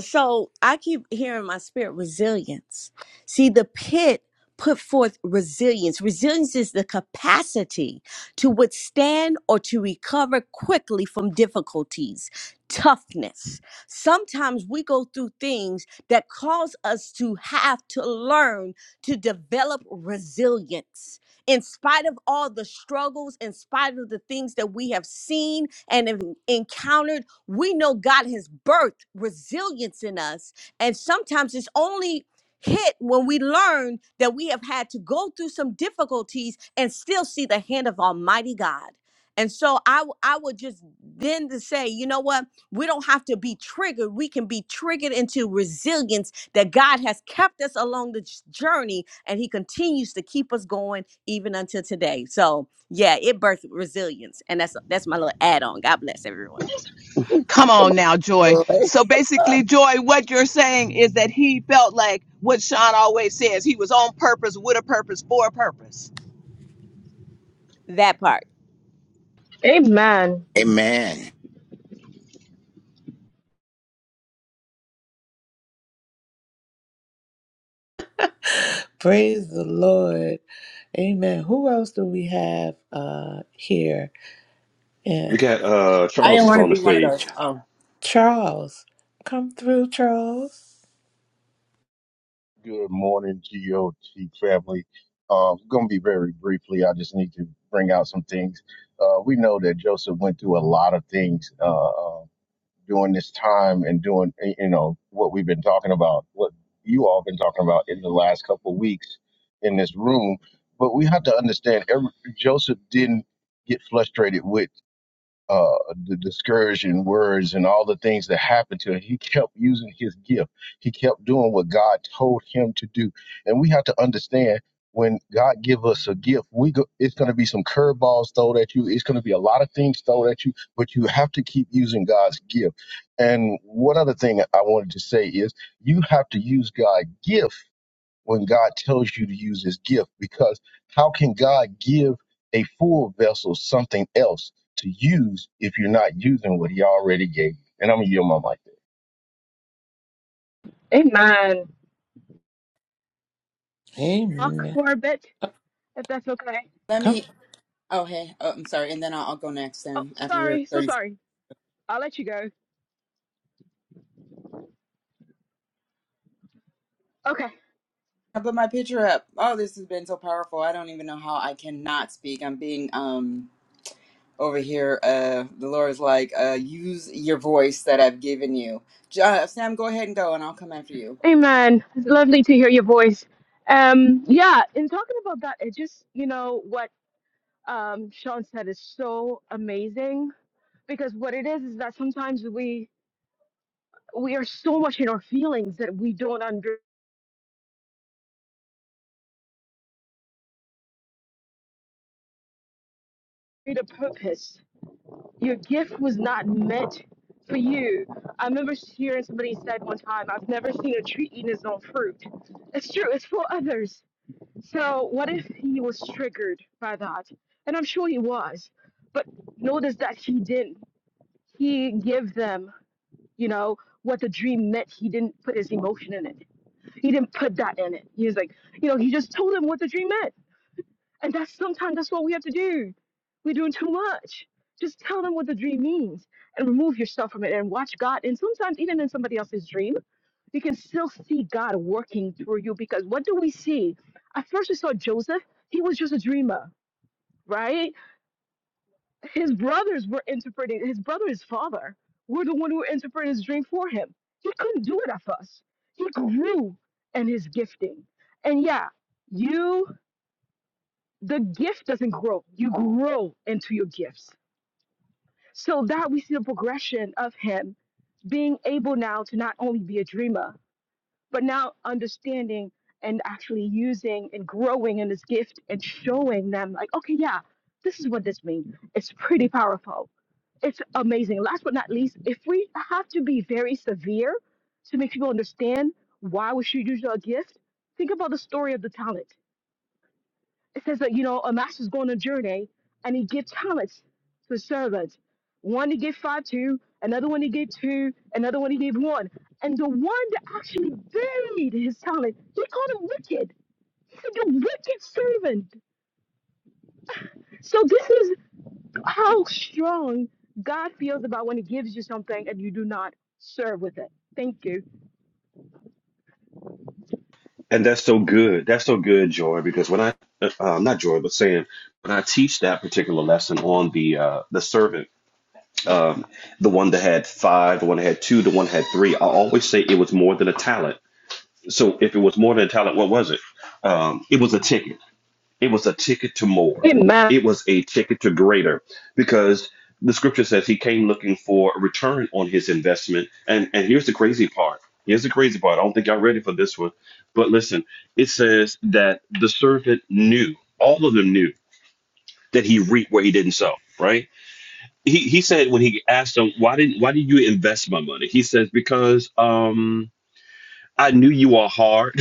Speaker 8: so I keep hearing my spirit resilience. See, the pit put forth resilience. Resilience is the capacity to withstand or to recover quickly from difficulties, toughness. Sometimes we go through things that cause us to have to learn to develop resilience. In spite of all the struggles, in spite of the things that we have seen and have encountered we know God has birthed resilience in us. And sometimes it's only hit when we learn that we have had to go through some difficulties and still see the hand of Almighty God. And so I, w- I would just then to say, you know what? We don't have to be triggered. We can be triggered into resilience that God has kept us along the j- journey and he continues to keep us going even until today. So yeah, it birthed resilience. And that's that's my little add on. God bless everyone.
Speaker 3: Come
Speaker 7: Come
Speaker 3: on,
Speaker 7: on now, Joy.
Speaker 3: boy.
Speaker 7: So basically, Joy, what you're saying is that he felt like what Sean always says he was on purpose, with a purpose, for a purpose.
Speaker 8: That part.
Speaker 6: Amen.
Speaker 4: Amen.
Speaker 1: Praise the Lord. Amen. Who else do we have uh, here?
Speaker 2: We
Speaker 1: And
Speaker 2: got uh,
Speaker 9: I
Speaker 2: Charles
Speaker 9: didn't
Speaker 2: is
Speaker 9: want to
Speaker 2: on the
Speaker 9: be one of
Speaker 1: Ch-
Speaker 2: stage,
Speaker 9: those. Oh,
Speaker 1: Charles. Come through, Charles.
Speaker 10: Good morning, GOT family. Uh, going to be very briefly. I just need to bring out some things. Uh, we know that Joseph went through a lot of things uh, uh, during this time and doing, you know, what we've been talking about, what you all been talking about in the last couple of weeks in this room. But we have to understand, every, Joseph didn't get frustrated with uh, the discouraging words and all the things that happened to him. He kept using his gift. He kept doing what God told him to do. And we have to understand when God give us a gift, we go, it's going to be some curveballs thrown at you. It's going to be a lot of things thrown at you, but you have to keep using God's gift. And one other thing I wanted to say is you have to use God's gift when God tells you to use his gift because how can God give a full vessel something else to use if you're not using what he already gave you? And I'm going to yield my mic there.
Speaker 6: Amen. Talk
Speaker 1: Amen.
Speaker 6: for a bit,
Speaker 1: Uh,
Speaker 6: if that's okay.
Speaker 9: let
Speaker 1: Come.
Speaker 9: me. Oh, hey. Oh, I'm sorry. And then I'll, I'll go next,
Speaker 6: Oh,
Speaker 9: Sam, after your
Speaker 6: sorry. So
Speaker 9: 30 seconds.
Speaker 6: sorry. I'll let you go. Okay.
Speaker 9: I put my picture up. Oh, this has been so powerful. I don't even know how I cannot speak. I'm being um over here. Uh, the Lord's like, uh, use your voice that I've given you. J- Uh, Sam, go ahead and go, and I'll come after you.
Speaker 6: Amen. It's lovely to hear your voice. Um, yeah, in talking about that, it just, you know, what um Sean said is so amazing because what it is is that sometimes we we are so much in our feelings that we don't understand the purpose your gift was not meant for you. I remember hearing somebody said one time, I've never seen a tree eating its own fruit. It's true, it's for others. So what if he was triggered by that? And I'm sure he was. But notice that he didn't. He gave them, you know, what the dream meant. He didn't put his emotion in it. He didn't put that in it. He was like, you know, he just told them what the dream meant and that's sometimes that's what we have to do. We're doing too much. Just tell them what the dream means and remove yourself from it and watch God. And sometimes even in somebody else's dream, you can still see God working through you because what do we see? At first we saw Joseph, he was just a dreamer, right? His brothers were interpreting, his brother, his father, were the one who interpreted his dream for him. He couldn't do it at first. He grew in his gifting. And yeah, you the gift doesn't grow. You grow into your gifts. So that we see the progression of him being able now to not only be a dreamer, but now understanding and actually using and growing in his gift and showing them like, okay, yeah, this is what this means. It's pretty powerful. It's amazing. Last but not least, if we have to be very severe to make people understand why we should use our gift, think about the story of the talent it says that you know a master's going on a journey and he gave talents to his servants. One he gave five to, another one he gave two, another one he gave one. And the one that actually buried his talent, he called him wicked. He said, "You wicked servant." So this is how strong God feels about when He gives you something and you do not serve with it. Thank you.
Speaker 2: and that's so good. That's so good, Joy, because when I, uh, uh, not Joy, but Sam, when I teach that particular lesson on the uh, the servant, um, the one that had five, the one that had two, the one that had three, I always say it was more than a talent So if it was more than talent, what was it? Um, it was a ticket. It was a ticket to more.
Speaker 6: Amen.
Speaker 2: It was a ticket to greater because the scripture says he came looking for a return on his investment. And and here's the crazy part. Here's the crazy part. I don't think y'all ready for this one. But listen, it says that the servant knew, all of them knew that he reaped where he didn't sow, right? He he said when he asked them, why didn't why did you invest my money? He says, Because um I knew you are hard.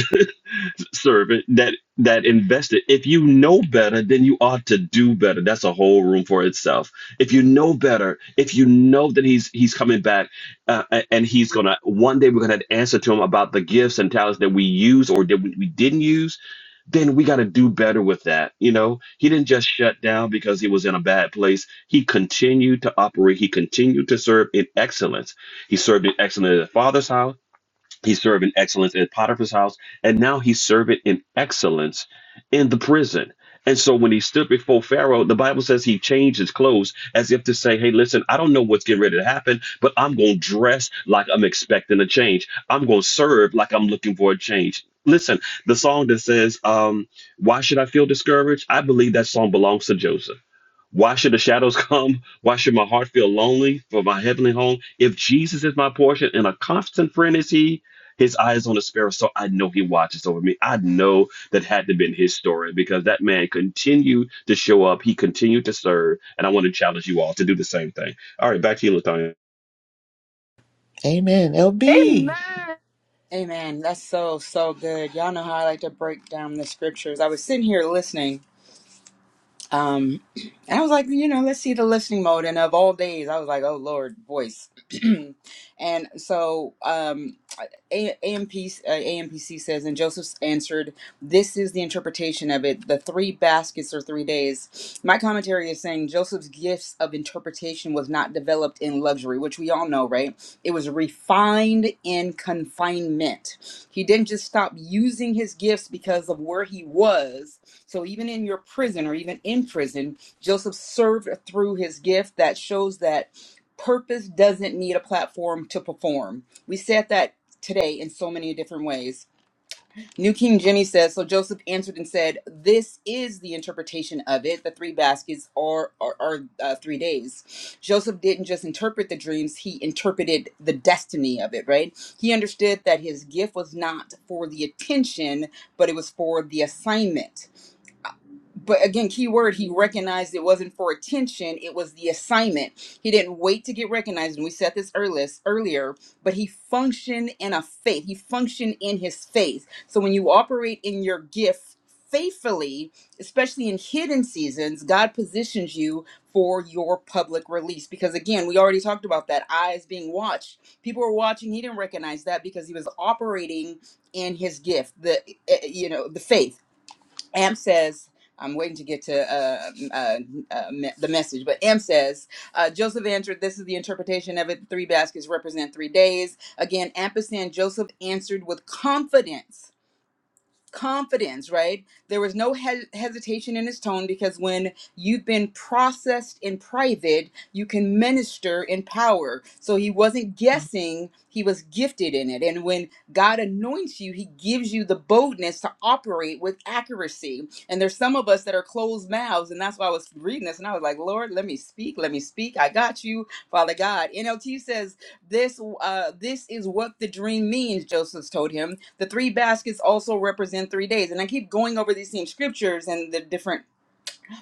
Speaker 2: servant that that invested if you know better then you ought to do better that's a whole room for itself if you know better if you know that he's he's coming back uh, a- and he's gonna one day we're gonna have to answer to him about the gifts and talents that we use or that we, we didn't use then we got to do better with that you know he didn't just shut down because he was in a bad place he continued to operate he continued to serve in excellence he served in excellence at the father's house he served in excellence in Potiphar's house, and now he's serving in excellence in the prison. And so when he stood before Pharaoh, the Bible says he changed his clothes as if to say, Hey, listen, I don't know what's getting ready to happen, but I'm going to dress like I'm expecting a change. I'm going to serve like I'm looking for a change. Listen, the song that says, um, Why should I feel discouraged? I believe that song belongs to Joseph. Why should the shadows come? Why should my heart feel lonely for my heavenly home? If Jesus is my portion and a constant friend is he, his eye is on the sparrow, so I know he watches over me. I know that had to been his story because that man continued to show up. He continued to serve. And I want to challenge you all to do the same thing. All right, back to you, Latonya.
Speaker 1: Amen.
Speaker 6: Amen.
Speaker 1: LB.
Speaker 9: Amen. That's so so good. Y'all know how I like to break down the scriptures. I was sitting here listening Um, and I was like, you know, let's see the listening mode. And of all days, I was like, oh Lord, voice. and so, um, a- AMPC, uh, AMPC says, and Joseph answered, This is the interpretation of it. The three baskets or three days. My commentary is saying Joseph's gifts of interpretation was not developed in luxury, which we all know, right? It was refined in confinement. He didn't just stop using his gifts because of where he was. So even in your prison or even in prison, Joseph served through his gift that shows that purpose doesn't need a platform to perform. We said that today in so many different ways. New King Jenny says, So Joseph answered and said, This is the interpretation of it. The three baskets are, are, are uh, three days. Joseph didn't just interpret the dreams, he interpreted the destiny of it, right? He understood that his gift was not for the attention, but it was for the assignment but again, key word, he recognized it wasn't for attention, it was the assignment. He didn't wait to get recognized, and we said this earlier, earlier, but he functioned in a faith. He functioned in his faith. So when you operate in your gift faithfully, especially in hidden seasons, God positions you for your public release. Because again, we already talked about that eyes being watched. People were watching, he didn't recognize that because he was operating in his gift, the eh, eh, you know, the faith. Am says, I'm waiting to get to uh, uh, uh, me- the message, but Am says, uh, Joseph answered, This is the interpretation of it. Three baskets represent three days. Again, ampersand, Joseph answered with confidence confidence, right? There was no he- hesitation in his tone because when you've been processed in private, you can minister in power. So he wasn't guessing, he was gifted in it. And when God anoints you, he gives you the boldness to operate with accuracy. And there's some of us that are closed mouths, and that's why I was reading this and I was like, Lord, let me speak, let me speak. I got you, Father God. NLT says, this uh this is what the dream means joseph told him the three baskets also represent three days. And I keep going over these same scriptures and the different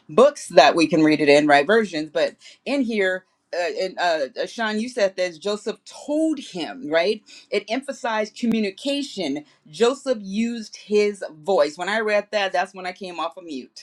Speaker 9: books that we can read it in, right? Versions. But in here, uh, and uh, uh, Sean, you said this Joseph told him, right? It emphasized communication. Joseph used his voice. When I read that, that's when I came off of mute.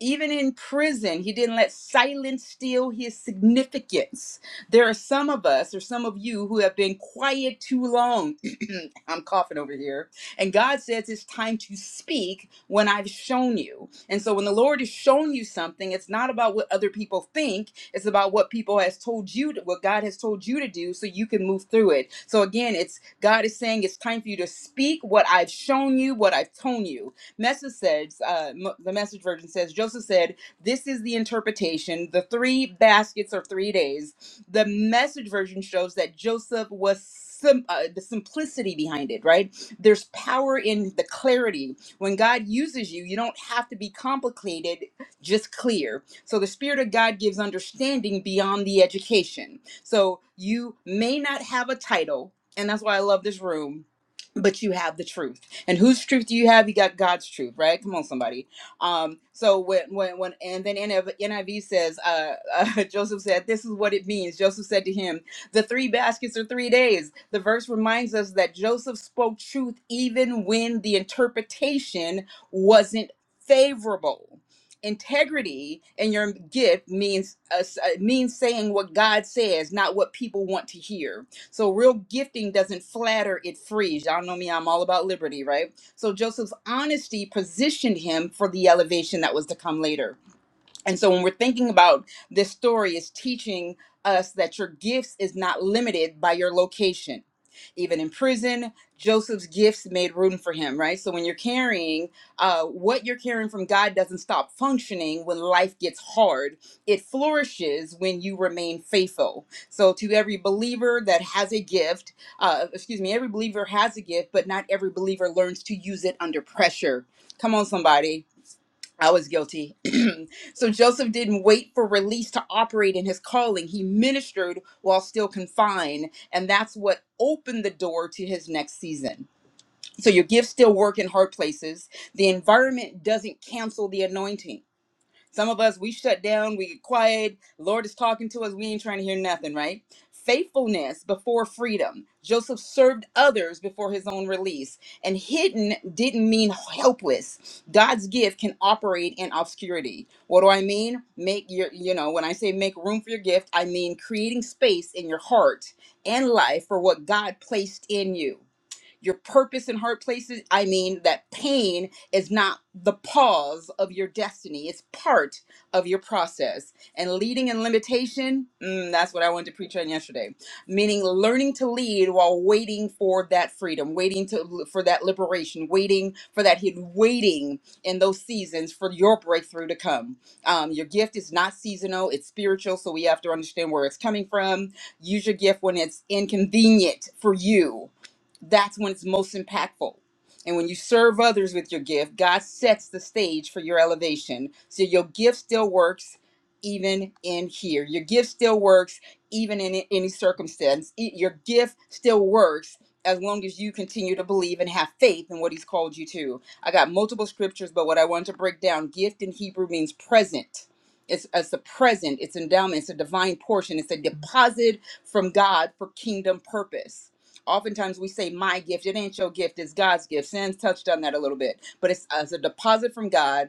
Speaker 9: Even in prison, he didn't let silence steal his significance. There are some of us, or some of you, who have been quiet too long. I'm coughing over here. And God says it's time to speak when I've shown you. And so when the Lord has shown you something, it's not about what other people think, it's about what people has told you, to, what God has told you to do so you can move through it. So again, it's God is saying it's time for you to speak what I've shown you, what I've told you. Message says, uh, the message version says, Joseph said, This is the interpretation. The three baskets are three days. The message version shows that Joseph was sim- uh, the simplicity behind it, right? There's power in the clarity. When God uses you, you don't have to be complicated, just clear. So the Spirit of God gives understanding beyond the education. So you may not have a title, and that's why I love this room, but you have the truth and whose truth do you have? You got God's truth, right? Come on, somebody. Um, so when when when and then NIV, says, uh, uh, Joseph said, "This is what it means." Joseph said to him, "The three baskets are three days." The verse reminds us that Joseph spoke truth even when the interpretation wasn't favorable. Integrity in your gift means uh, uh, means saying what God says, not what people want to hear so real gifting doesn't flatter, it frees. Y'all know me, I'm all about liberty, right? So Joseph's honesty positioned him for the elevation that was to come later and so when we're thinking about this story, it's teaching us that your gifts is not limited by your location. Even in prison, Joseph's gifts made room for him, right? So when you're carrying, uh, what you're carrying from God doesn't stop functioning when life gets hard. It flourishes when you remain faithful. So to every believer that has a gift, uh, excuse me, every believer has a gift, but not every believer learns to use it under pressure. Come on, somebody I was guilty. so Joseph didn't wait for release to operate in his calling. He ministered while still confined, and that's what opened the door to his next season. So your gifts still work in hard places. The environment doesn't cancel the anointing. Some of us, we shut down, we get quiet. Lord is talking to us, we ain't trying to hear nothing, right? Faithfulness before freedom. Joseph served others before his own release. And hidden didn't mean helpless. God's gift can operate in obscurity. What do I mean? Make your, you know, when I say make room for your gift, I mean creating space in your heart and life for what God placed in you your purpose in hard places. I mean, that pain is not the pause of your destiny, it's part of your process. And leading in limitation, mm, that's what I wanted to preach on yesterday. Meaning learning to lead while waiting for that freedom, waiting to for that liberation, waiting for that hidden, waiting in those seasons for your breakthrough to come. Um, your gift is not seasonal, it's spiritual, so we have to understand where it's coming from. Use your gift when it's inconvenient for you that's when it's most impactful. And when you serve others with your gift, God sets the stage for your elevation. So your gift still works even in here. Your gift still works even in any circumstance. E- Your gift still works as long as you continue to believe and have faith in what he's called you to. I got multiple scriptures, but what I wanted to break down, gift in Hebrew means present. It's, it's a present, it's endowment, it's a divine portion, it's a deposit from God for kingdom purpose Oftentimes we say, my gift, it ain't your gift, it's God's gift. Sans touched on that a little bit, but it's as a deposit from God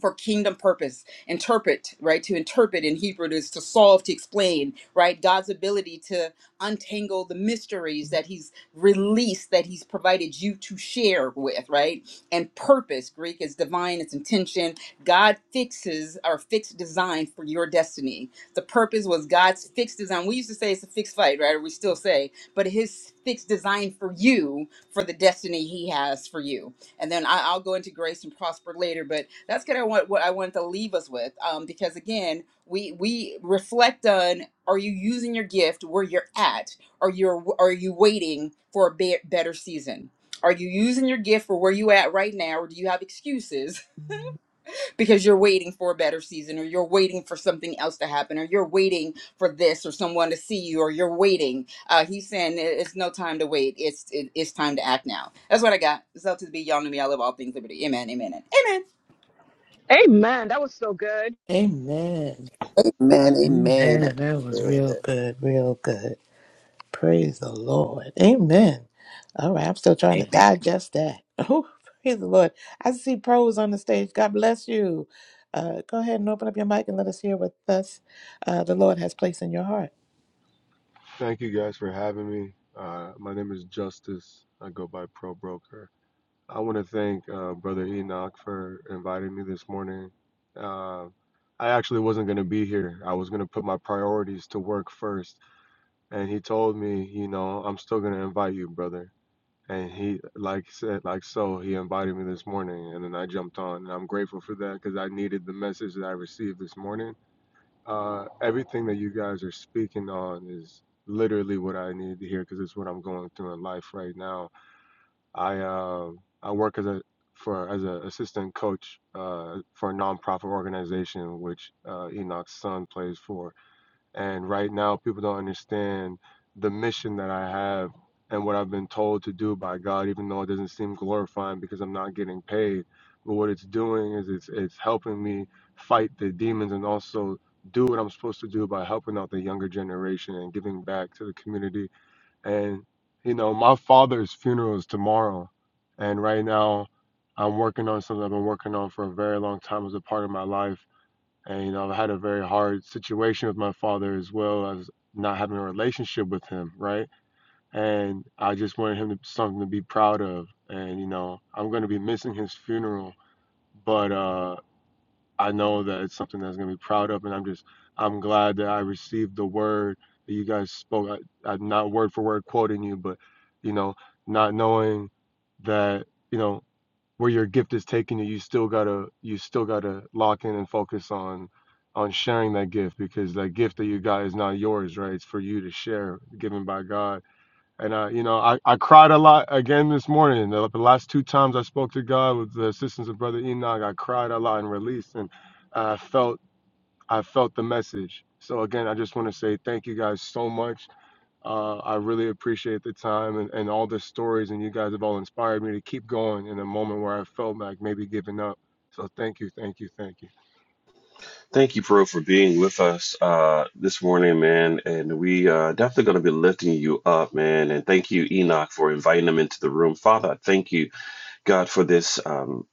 Speaker 9: for kingdom purpose interpret right to interpret in hebrew is to solve to explain right god's ability to untangle the mysteries that he's released that he's provided you to share with right and purpose greek is divine it's intention god fixes our fixed design for your destiny the purpose was god's fixed design we used to say it's a fixed fight right or we still say but his fixed design for you for the destiny he has for you and then I, I'll go into grace and prosper later. But that's kind of what, what I wanted to leave us with, um, because again, we we reflect on: Are you using your gift where you're at? Are you are you waiting for a be- better season? Are you using your gift for where you at right now, or do you have excuses because you're waiting for a better season or you're waiting for something else to happen or you're waiting for this or someone to see you or you're waiting uh, he's saying it- it's no time to wait it's it, it's time to act now that's what i got so to be y'all know me i love all things liberty amen amen and amen
Speaker 6: Amen. That was so good.
Speaker 1: Amen.
Speaker 3: Amen, amen.
Speaker 1: Amen. That was
Speaker 3: Good.
Speaker 1: real good. Real good. Praise the Lord. Amen. All right, I'm still trying to
Speaker 4: Amen.
Speaker 1: digest that. Oh, praise the Lord. I see pros on the stage. God bless you. Uh, go ahead and open up your mic and let us hear what thus uh, the Lord has placed in your heart.
Speaker 11: Thank you guys for having me. Uh, my name is Justice. I go by Pro Broker. I want to thank uh, Brother Enoch for inviting me this morning. Uh, I actually wasn't going to be here. I was going to put my priorities to work first, and he told me, you know, I'm still going to invite you, brother. And he, like said, like so, he invited me this morning, and then I jumped on, and I'm grateful for that because I needed the message that I received this morning uh, everything that you guys are speaking on is literally what I needed to hear because it's what I'm going through in life right now. I um I work as a for as an assistant coach uh, for a nonprofit organization which uh, Enoch's son plays for, and right now, people don't understand the mission that I have and what I've been told to do by God, even though it doesn't seem glorifying because I'm not getting paid. But what it's doing is it's it's helping me fight the demons and also do what I'm supposed to do by helping out the younger generation and giving back to the community. And you know, my father's funeral is tomorrow, and right now, I'm working on something I've been working on for a very long time as a part of my life and you know i've had a very hard situation with my father as well as not having a relationship with him right and i just wanted him to something to be proud of and you know i'm going to be missing his funeral but uh i know that it's something that's going to be proud of and i'm just i'm glad that i received the word that you guys spoke I, i'm not word for word quoting you but you know not knowing that you know where your gift is taking you, you still gotta you still gotta lock in and focus on on sharing that gift because that gift that you got is not yours, right? It's for you to share, given by God. And I, you know, I, I cried a lot again this morning. The, the last two times I spoke to God with the assistance of Brother Enoch, I cried a lot and released, and I felt I felt the message. So again, I just want to say thank you guys so much uh, I really appreciate the time and, and all the stories, and you guys have all inspired me to keep going in a moment where I felt like maybe giving up. So thank you, thank you, thank you.
Speaker 2: Thank you, Pearl, for being with us uh, this morning, man. And we are definitely going to be lifting you up, man. And thank you, Enoch, for inviting them into the room. Father, I thank you, God, for this. Um,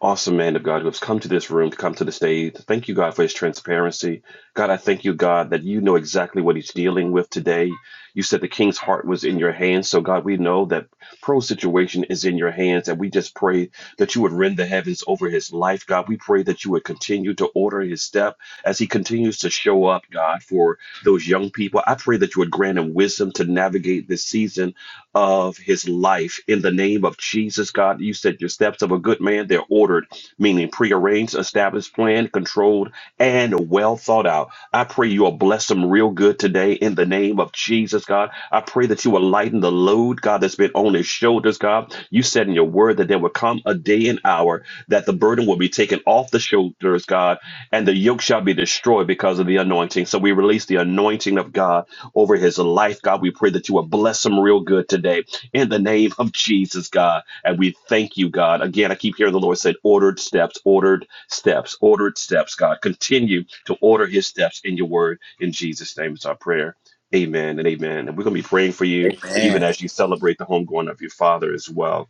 Speaker 2: awesome man of God who has come to this room, to come to the stage. Thank you, God, for his transparency. God, I thank you, God, that you know exactly what he's dealing with today. You said the king's heart was in your hands. So, God, we know that Pro's situation is in your hands, and we just pray that you would rend the heavens over his life, God. We pray that you would continue to order his step as he continues to show up, God, for those young people. I pray that you would grant him wisdom to navigate this season of his life in the name of Jesus, God. You said your steps of a good man, they're ordered, meaning prearranged, established, planned, controlled, and well thought out. I pray you will bless them real good today in the name of Jesus, God. I pray that you will lighten the load, God, that's been on his shoulders, God. You said in your word that there will come a day and hour that the burden will be taken off the shoulders, God, and the yoke shall be destroyed because of the anointing. So we release the the anointing of God over his life. God, we pray that you will bless him real good today in the name of Jesus, God. And we thank you, God. Again, I keep hearing the Lord said, ordered steps, ordered steps, ordered steps, God. Continue to order his steps in your word. In Jesus' name is our prayer. Amen and amen. And we're going to be praying for you
Speaker 4: Amen.
Speaker 2: even as you celebrate the homegoing of your father as well,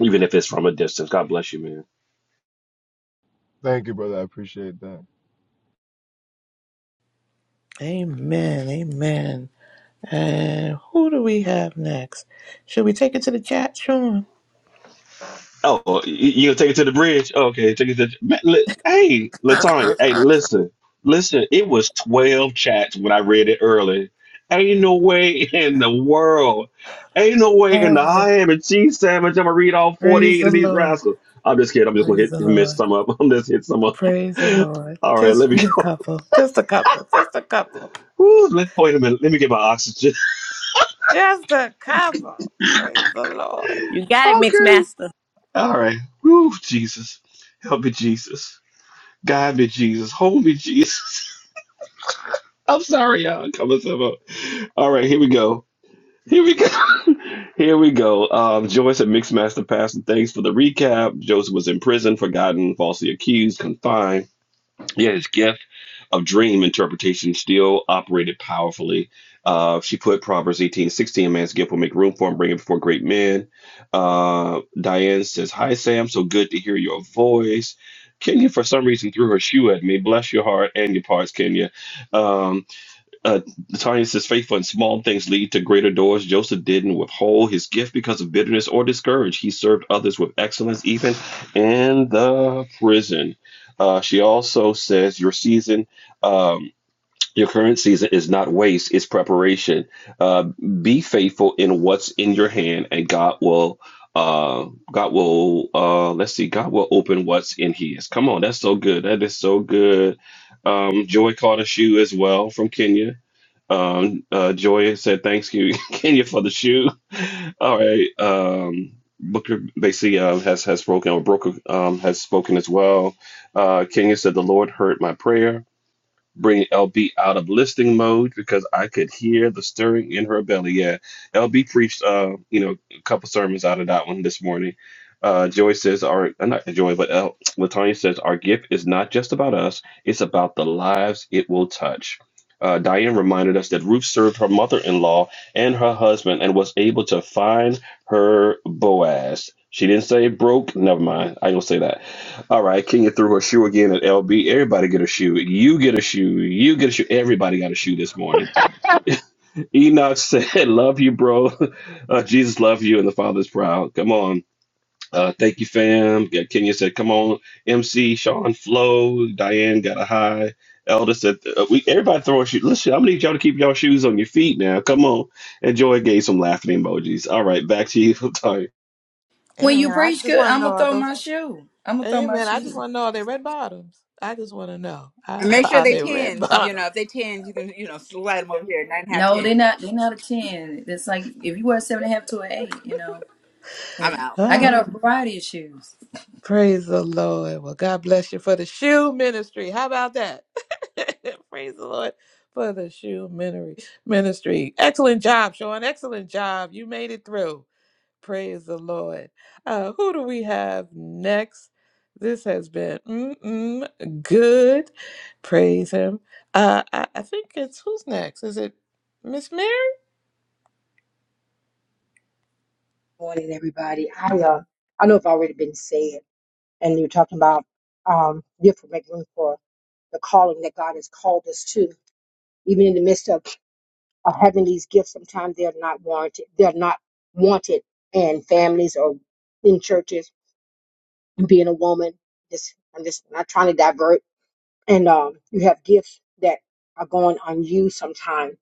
Speaker 2: even if it's from a distance. God bless you, man.
Speaker 11: Thank you, brother. I appreciate that.
Speaker 1: Amen. Amen. And who do we have next? Should we take it to the chat, Sean?
Speaker 2: Oh, y- you gonna take it to the bridge? Okay, take it to. Man, li- hey, Latanya. Hey, listen, listen. It was twelve chats when I read it earlier. Ain't no way in the world. Ain't no way in the
Speaker 1: Oh,
Speaker 2: I am a cheese sandwich. I'm gonna read all
Speaker 1: praise
Speaker 2: forty-eight
Speaker 1: the
Speaker 2: of these
Speaker 1: Lord.
Speaker 2: rascals. I'm just kidding. I'm just gonna
Speaker 1: Praise
Speaker 2: hit
Speaker 1: the
Speaker 2: miss
Speaker 1: Lord.
Speaker 2: some up. I'm just hit some up.
Speaker 1: Praise the Lord.
Speaker 2: All right, let
Speaker 1: Just
Speaker 2: me
Speaker 1: read a
Speaker 2: go.
Speaker 1: couple. Just a couple. Just a couple.
Speaker 2: Woo, let- wait a minute. Let me get my oxygen.
Speaker 1: Just a couple. Praise the Lord.
Speaker 8: You got it, Mixed
Speaker 2: Okay.
Speaker 8: Master.
Speaker 2: All right. Woo, Jesus, help me, Jesus. Guide me, Jesus. Hold me, I'm sorry, y'all. Coming up. All right, here we go. Here we go. here we go. Um, Joyce and Mixmaster Master Pastor, thanks for the recap. Joseph was in prison, forgotten, falsely accused, confined. Yet his gift of dream interpretation still operated powerfully. Uh, she put Proverbs eighteen sixteen. man's gift will make room for him, bring him before great men. Uh, Diane says, Hi, Sam. So good to hear your voice. Kenya, for some reason, threw her shoe at me. Bless your heart and your parts, Kenya. Um, uh, the tiny says, faithful in small things lead to greater doors. Joseph didn't withhold his gift because of bitterness or discourage. He served others with excellence, even in the prison. Uh, she also says, your season, um, your current season is not waste, it's preparation. Uh, be faithful in what's in your hand, and God will. Uh, God will, uh, let's see, God will open what's in his. Come on, that's so good. That is so good. Um, Joy caught a shoe as well from Kenya um, uh, Joy said, "Thanks, you, Kenya, for the shoe." All right. Um, Booker basically uh, has has spoken, or Brooker um, has spoken as well. Uh, Kenya said, "The Lord heard my prayer." Bring LB out of listening mode because I could hear the stirring in her belly. Yeah, LB preached, uh, you know, a couple sermons out of that one this morning. Uh, Joy says, "Our uh, not Joy, but L, Latanya says, our gift is not just about us; it's about the lives it will touch." Uh, Diane reminded us that Ruth served her mother-in-law and her husband and was able to find her Boaz. She didn't say broke. Never mind. I ain't gonna say that. All right, Kenya threw her shoe again at LB. Everybody get a shoe. You get a shoe. You get a shoe. Everybody got a shoe this morning. Enoch said, "Love you, bro. Uh, Jesus love you, and the Father's proud." Come on. Uh, thank you, fam. Yeah, Kenya said, "Come on, MC Sean Flo." Diane got a high. Elder said, uh, "We everybody throw a shoe. Listen, I'm gonna need y'all to keep y'all shoes on your feet now. Come on." And Joy gave some laughing emojis. All right, back to you, Tanya.
Speaker 5: When you
Speaker 1: Amen. I
Speaker 5: preach
Speaker 1: just
Speaker 5: good,
Speaker 1: want to
Speaker 5: I'm
Speaker 1: know
Speaker 5: gonna
Speaker 1: are
Speaker 5: throw
Speaker 1: those.
Speaker 5: my shoe. I'm gonna throw my
Speaker 1: Amen. I just
Speaker 5: shoe.
Speaker 1: want to know are they red bottoms? I just want to know I,
Speaker 9: and make sure
Speaker 1: are
Speaker 9: they
Speaker 1: they red
Speaker 9: tens you know if
Speaker 1: bottoms?
Speaker 9: they tens you can you know slide them over here nine and a half
Speaker 5: No,
Speaker 9: ten
Speaker 5: they're not. They're not a ten. It's like if you wear a seven and a half to an eight, you know.
Speaker 9: i'm
Speaker 5: But
Speaker 9: out
Speaker 5: I got
Speaker 1: Oh,
Speaker 5: a variety of shoes.
Speaker 1: praise the Lord. Well, God bless you for the shoe ministry. How about that? praise the Lord for the shoe minery- ministry. Excellent job, Sean. Excellent job. You made it through. Praise the Lord. Uh, who do we have next? This has been mm-mm, good. Praise him. Uh, I, I think it's who's next? Is it Miss Mary?
Speaker 12: morning, everybody. I uh, I know it's already been said, and you're talking about um, you make room for the calling that God has called us to. Even in the midst of, of having these gifts, sometimes they're not warranted. They're not wanted in families or in churches. And being a woman, just I'm just not trying to divert. And um, you have gifts that are going on you sometimes.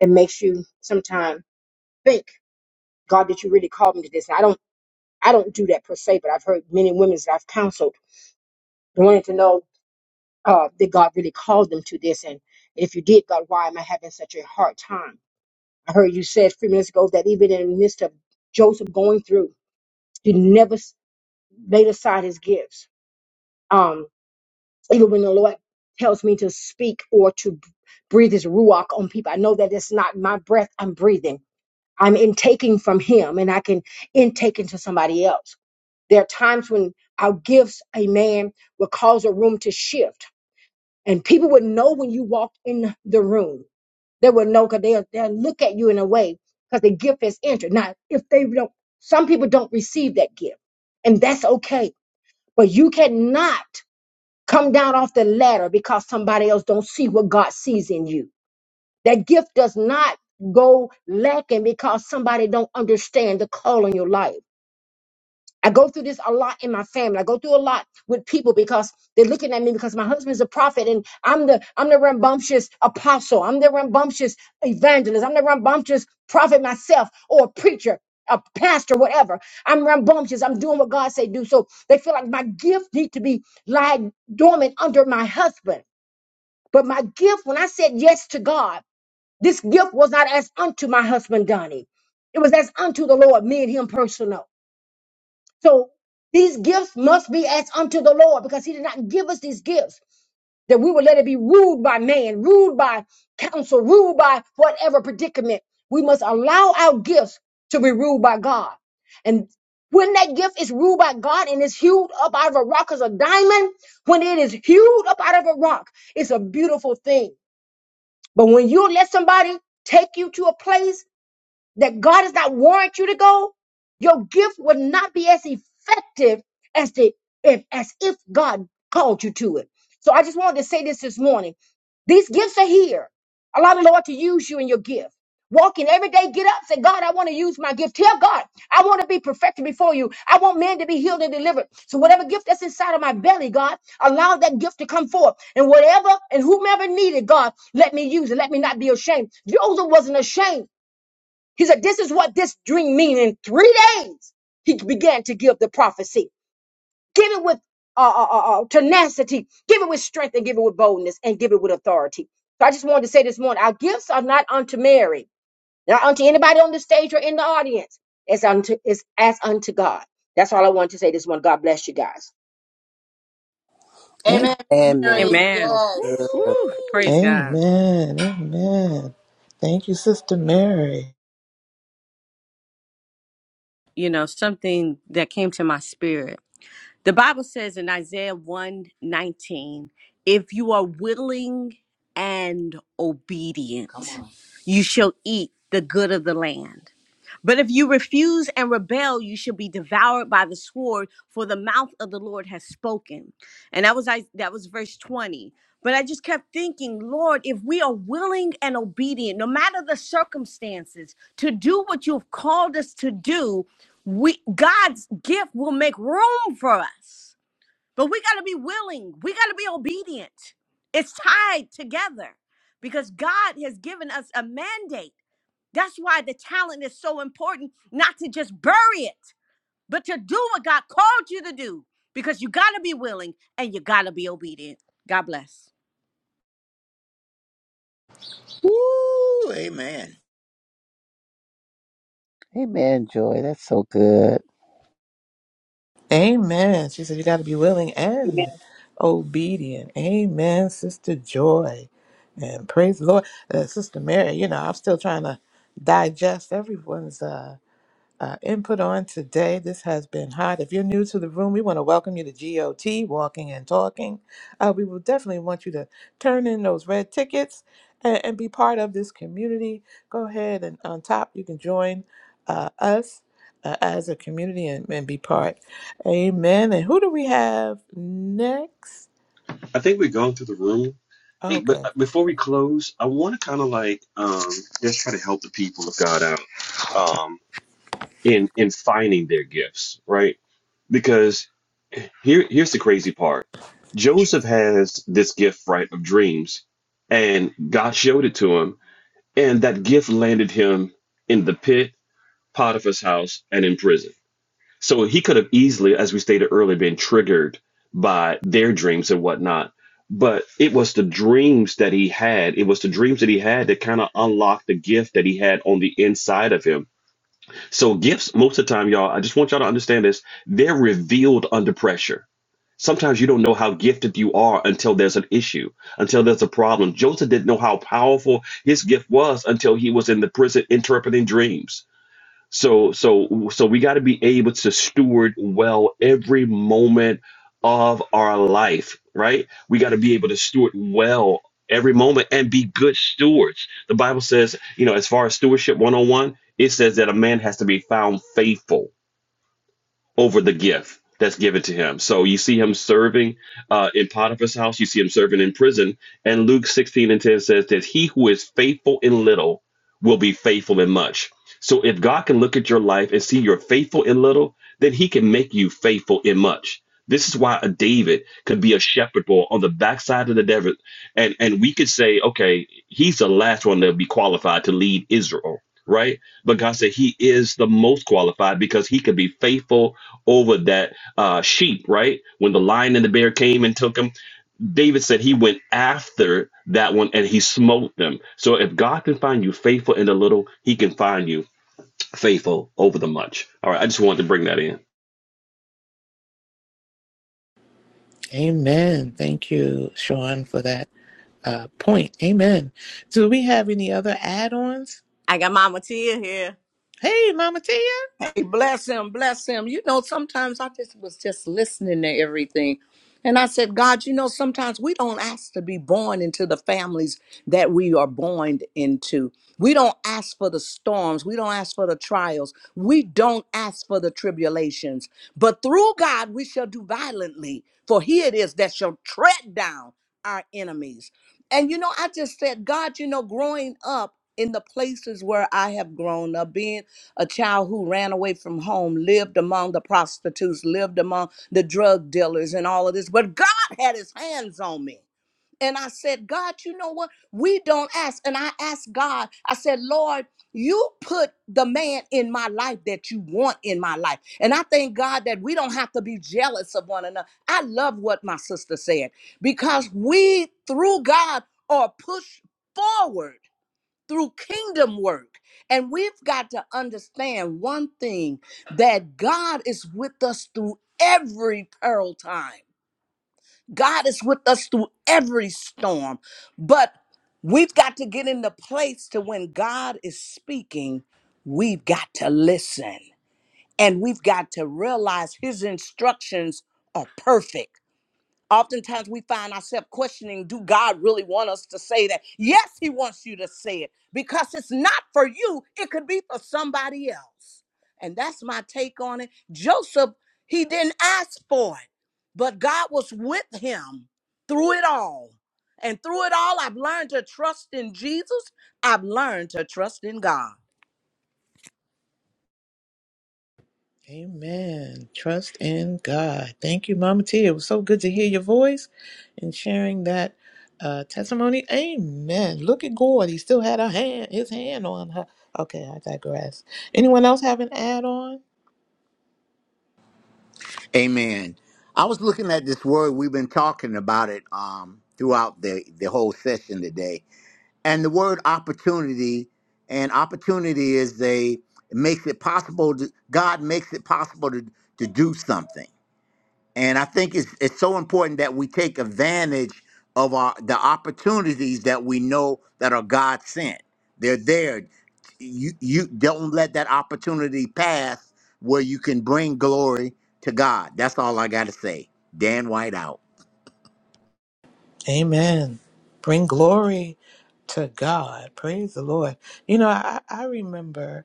Speaker 12: It makes you sometimes think, God, did you really call me to this? I don't do that per se, but I've heard many women that I've counseled wanting to know uh, that God really called them to this. And if you did, God, why am I having such a hard time? I heard you said a few minutes ago that even in the midst of Joseph going through, he never s- laid aside his gifts. Um, even when the Lord tells me to speak or to breathe his ruach on people, I know that it's not my breath I'm breathing. I'm intaking from him and I can intake into somebody else. There are times when our gifts, amen, will cause a room to shift. And people would know when you walk in the room. They will know because they'll, they'll look at you in a way because the gift has entered. Now, if they don't, some people don't receive that gift, and that's okay. But you cannot come down off the ladder because somebody else don't see what God sees in you. That gift does not go lacking because somebody don't understand the call on your life. I go through this a lot in my family. I go through a lot with people because they're looking at me because my husband's a prophet and I'm the I'm the rambunctious apostle. I'm the rambunctious evangelist. I'm the rambunctious prophet myself or a preacher, a pastor, whatever. I'm rambunctious. I'm doing what God say do. So they feel like my gift need to be lying dormant under my husband. But my gift, when I said yes to God, this gift was not as unto my husband Donnie. It was as unto the Lord, me and him personal. So these gifts must be as unto the Lord because he did not give us these gifts that we would let it be ruled by man, ruled by counsel, ruled by whatever predicament. We must allow our gifts to be ruled by God. And when that gift is ruled by God and is hewed up out of a rock as a diamond, when it is hewed up out of a rock, it's a beautiful thing. But when you let somebody take you to a place that God does not warrant you to go, your gift will not be as effective as the if as if God called you to it. So I just wanted to say this this morning. These gifts are here. Allow the Lord to use you in your gift. Walking every day, get up, say, God, I want to use my gift. Tell God, I want to be perfected before you. I want men to be healed and delivered. So whatever gift that's inside of my belly, God, allow that gift to come forth. And whatever and whomever needed, God, let me use it. Let me not be ashamed. Joseph wasn't ashamed he said, This is what this dream means. In three days, he began to give the prophecy. Give it with uh, uh, uh, uh, tenacity, give it with strength, and give it with boldness, and give it with authority. So I just wanted to say this morning our gifts are not unto Mary, not unto anybody on the stage or in the audience. It's unto it's as unto God. That's all I wanted to say this morning. God bless you guys.
Speaker 9: amen Miss
Speaker 3: Amen, Mary.
Speaker 9: mary
Speaker 3: So
Speaker 8: Amen. Woo,
Speaker 3: good.
Speaker 9: yes
Speaker 8: praise God.
Speaker 1: Amen. Amen. Thank you, Sister Mary.
Speaker 8: You know, something that came to my spirit. The Bible says in Isaiah one nineteen, if you are willing and obedient, Come on. you shall eat the good of the land. But if you refuse and rebel, you shall be devoured by the sword, for the mouth of the Lord has spoken. And that was I that was verse 20. But I just kept thinking, Lord, if we are willing and obedient, no matter the circumstances, to do what you've called us to do, we God's gift will make room for us. But we gotta be willing, we gotta be obedient. It's tied together because God has given us a mandate. That's why the talent is so important, not to just bury it, but to do what God called you to do because you got to be willing and you got to be obedient. God bless.
Speaker 4: Woo! Amen.
Speaker 3: Amen, Joy. That's so good.
Speaker 1: Amen. She said you got to be willing
Speaker 12: Amen.
Speaker 1: and obedient. Amen, Sister Joy. And praise the Lord. Uh, Sister Mary, you know, I'm still trying to digest everyone's. uh, uh, input on today. This has been hot. If you're new to the room, we want to welcome you to GOT, Walking and Talking. Uh, we will definitely want you to turn in those red tickets and, and be part of this community. Go ahead and on top, you can join uh, us uh, as a community and, and be part. Amen. And who do we have next?
Speaker 2: I think we've gone through the room. Hey, but
Speaker 1: Okay.
Speaker 2: uh, before we close, I want to kind of like um, just try to help the people of God out um, in in finding their gifts, right? Because here here's the crazy part. Joseph has this gift, right, of dreams, and God showed it to him, and that gift landed him in the pit, Potiphar's house, and in prison. So he could have easily, as we stated earlier, been triggered by their dreams and whatnot. But it was the dreams that he had. It was the dreams that he had that kind of unlocked the gift that he had on the inside of him. So gifts, most of the time, y'all, I just want y'all to understand this. They're revealed under pressure. Sometimes you don't know how gifted you are until there's an issue, until there's a problem. Joseph didn't know how powerful his gift was until he was in the prison interpreting dreams. So so so we got to be able to steward well every moment of our life, right? We got to be able to steward well every moment and be good stewards. The Bible says, you know, as far as stewardship 101, it says that a man has to be found faithful over the gift that's given to him. So you see him serving uh, in Potiphar's house, you see him serving in prison. And Luke 16 and 10 says that he who is faithful in little will be faithful in much. So if God can look at your life and see you're faithful in little, then he can make you faithful in much. This is why a David could be a shepherd boy on the backside of the desert, and and we could say, okay, he's the last one to be qualified to lead Israel, right? But God said he is the most qualified because he could be faithful over that uh, sheep, right? When the lion and the bear came and took him, David said he went after that one and he smote them. So if God can find you faithful in the little, He can find you faithful over the much. All right, I just wanted to bring that in.
Speaker 1: Amen. Thank you, Sean, for that uh, point. Amen. Do we have any other add ons?
Speaker 8: I got Mama Tia here.
Speaker 1: Hey, Mama Tia.
Speaker 8: Hey, bless him, bless him. You know, sometimes I just was just listening to everything. And I said, God, you know, sometimes we don't ask to be born into the families that we are born into. We don't ask for the storms. We don't ask for the trials. We don't ask for the tribulations. But through God, we shall do violently, for he it is that shall tread down our enemies. And, you know, I just said, God, you know, growing up in the places where I have grown up, being a child who ran away from home, lived among the prostitutes, lived among the drug dealers, and all of this. But God had his hands on me. And I said, God, you know what? We don't ask. And I asked God, I said, Lord, you put the man in my life that you want in my life. And I thank God that we don't have to be jealous of one another. I love what my sister said because we, through God, are pushed forward through kingdom work. And we've got to understand one thing that God is with us through every peril time. God is with us through every storm. But we've got to get in the place to when God is speaking, we've got to listen. And we've got to realize his instructions are perfect Oftentimes we find ourselves questioning, do God really want us to say that? Yes, he wants you to say it because it's not for you. It could be for somebody else. And that's my take on it. Joseph, he didn't ask for it, but God was with him through it all. And through it all, I've learned to trust in Jesus. I've learned to trust in God.
Speaker 1: Amen. Trust in God. Thank you, Mama T. It was so good to hear your voice and sharing that uh, testimony. Amen. Look at Gord. He still had a hand, his hand on her. Okay, I digress. Anyone else have an add on?
Speaker 4: Amen. I was looking at this word. We've been talking about it um, throughout the, the whole session today. And the word opportunity, and opportunity is a it makes it possible. To, God makes it possible to, to do something. And I think it's it's so important that we take advantage of our the opportunities that we know that are God sent. They're there. You you don't let that opportunity pass where you can bring glory to God. That's all I gotta say. Dan White out.
Speaker 1: Amen. Bring glory to God. Praise the Lord. You know, I, I remember.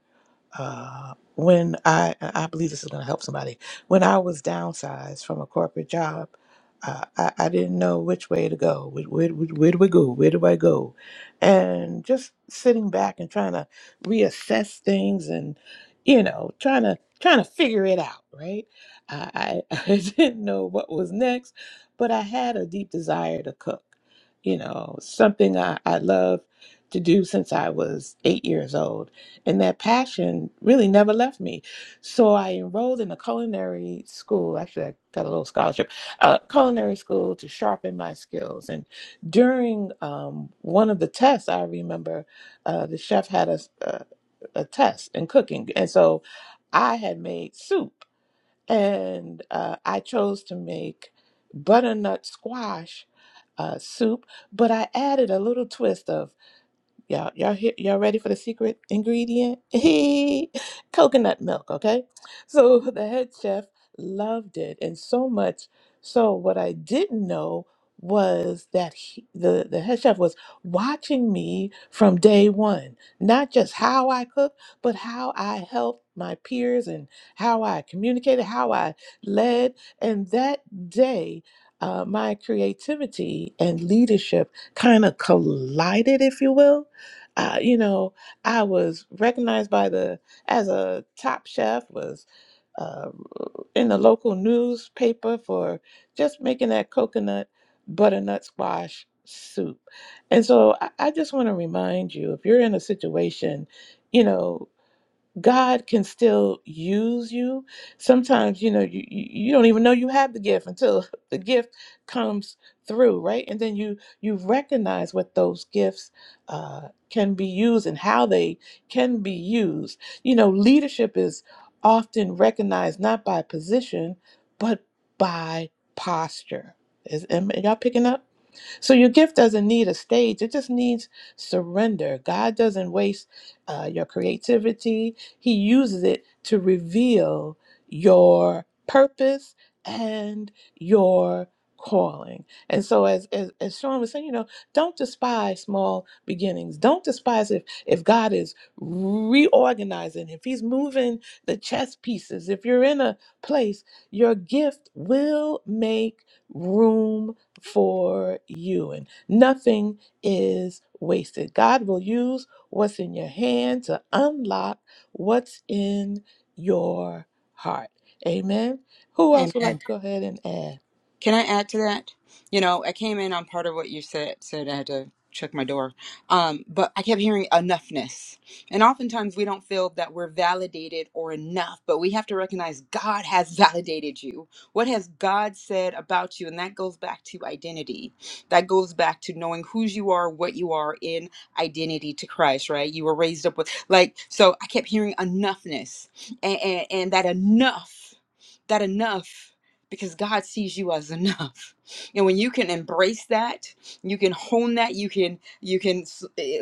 Speaker 1: Uh, when I, I believe this is going to help somebody. When I was downsized from a corporate job, uh, I, I didn't know which way to go. Where, where, where do I go? Where do I go? And just sitting back and trying to reassess things and, you know, trying to trying to figure it out. Right? I, I, I didn't know what was next, but I had a deep desire to cook. You know, something I, I love to do since I was eight years old and that passion really never left me. So I enrolled in a culinary school. Actually, I got a little scholarship, uh, culinary school to sharpen my skills. And during um, one of the tests, I remember uh, the chef had a, a, a test in cooking. And so I had made soup, and uh, I chose to make butternut squash uh, soup, but I added a little twist of Y'all, y'all, hear, y'all ready for the secret ingredient? Coconut milk, okay? So the head chef loved it, and so much. So what I didn't know was that he, the the head chef was watching me from day one, not just how I cook, but how I helped my peers and how I communicated, how I led, and that day. Uh, my creativity and leadership kind of collided, if you will uh, you know, I was recognized by the as a top chef, was uh, in the local newspaper for just making that coconut butternut squash soup. And so I, I just want to remind you, if you're in a situation, you know. God can still use you. Sometimes, you know, you, you you don't even know you have the gift until the gift comes through, right? And then you you recognize what those gifts uh, can be used and how they can be used. You know, leadership is often recognized not by position, but by posture. Is am, y'all picking up? So your gift doesn't need a stage; it just needs surrender. God doesn't waste uh, your creativity he uses it to reveal your purpose and your calling. And so as, as as Sean was saying, you know, don't despise small beginnings. Don't despise if if God is reorganizing, if he's moving the chess pieces, if you're in a place, your gift will make room for you and nothing is wasted. God will use what's in your hand to unlock what's in your heart. Amen. Who else would
Speaker 9: amen
Speaker 1: like to go ahead and add?
Speaker 9: Can I add to that? You know, I came in on part of what you said, said I had to check my door. Um, but I kept hearing enoughness. And oftentimes we don't feel that we're validated or enough, but we have to recognize God has validated you. What has God said about you? And that goes back to identity. That goes back to knowing whose you are, what you are in identity to Christ, right? You were raised up with, like, so I kept hearing enoughness and, and, and that enough, that enough because God sees you as enough. And when you can embrace that, you can hone that, you can you can s- eh,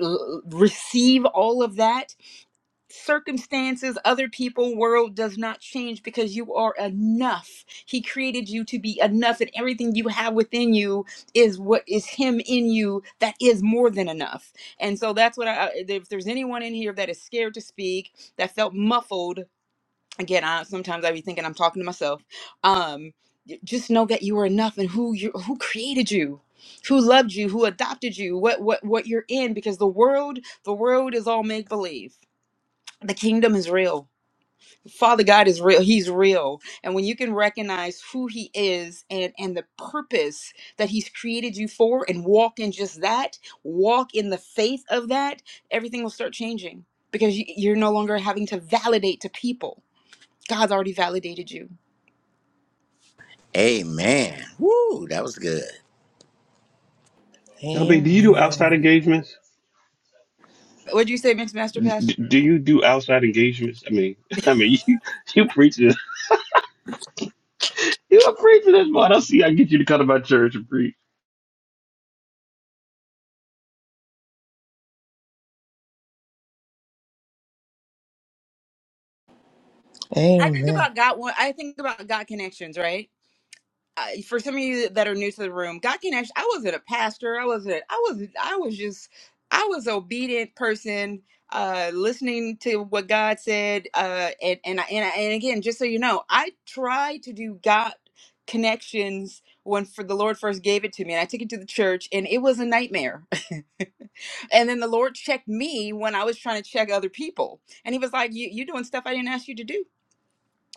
Speaker 9: receive all of that. Circumstances, other people, world does not change because you are enough. He created you to be enough and everything you have within you is what is him in you that is more than enough. And so that's what I I- if there's anyone in here that is scared to speak, that felt muffled again I, sometimes i be thinking i'm talking to myself um y- just know that you are enough and who you who created you who loved you who adopted you what what what you're in because the world the world is all make believe the kingdom is real father god is real he's real and when you can recognize who he is and and the purpose that he's created you for and walk in just that walk in the faith of that everything will start changing because you, you're no longer having to validate to people God's already validated you.
Speaker 4: Amen. Woo, that was good.
Speaker 1: Amen.
Speaker 9: What'd you say, Mixed Master Pastor?
Speaker 2: D- do you do outside engagements? I mean, I mean, you you preach this. You a preacher this, boy. I do see. I get you to come to my church and preach.
Speaker 9: I think
Speaker 1: Amen.
Speaker 9: about God. One, I think about God connections, right? I, for some of you that are new to the room, God connections. I wasn't a pastor. I wasn't. I was. I was just. I was obedient person, uh, listening to what God said. Uh, and and I, and, I, and again, just so you know, I tried to do God connections when for the Lord first gave it to me, and I took it to the church, and it was a nightmare. And then the Lord checked me when I was trying to check other people. And he was like, you, You're doing stuff I didn't ask you to do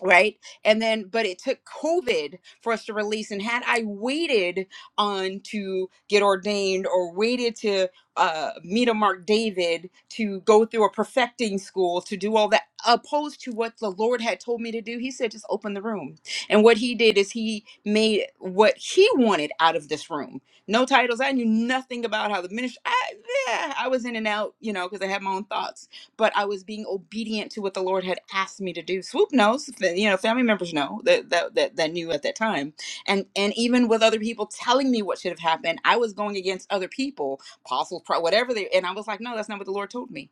Speaker 9: right and then but it took covid for us to release and had i waited on to get ordained or waited to uh, meet a mark david to go through a perfecting school to do all that opposed to what the lord had told me to do he said just open the room and what he did is he made what he wanted out of this room no titles i knew nothing about how the ministry i, yeah, I was in and out you know because i had my own thoughts but I was being obedient to what the Lord had asked me to do. Swoop knows, fa- you know, family members know that that that, that knew at that time, and and even with other people telling me what should have happened, I was going against other people, apostles, pro- whatever they, and I was like, no, that's not what the Lord told me.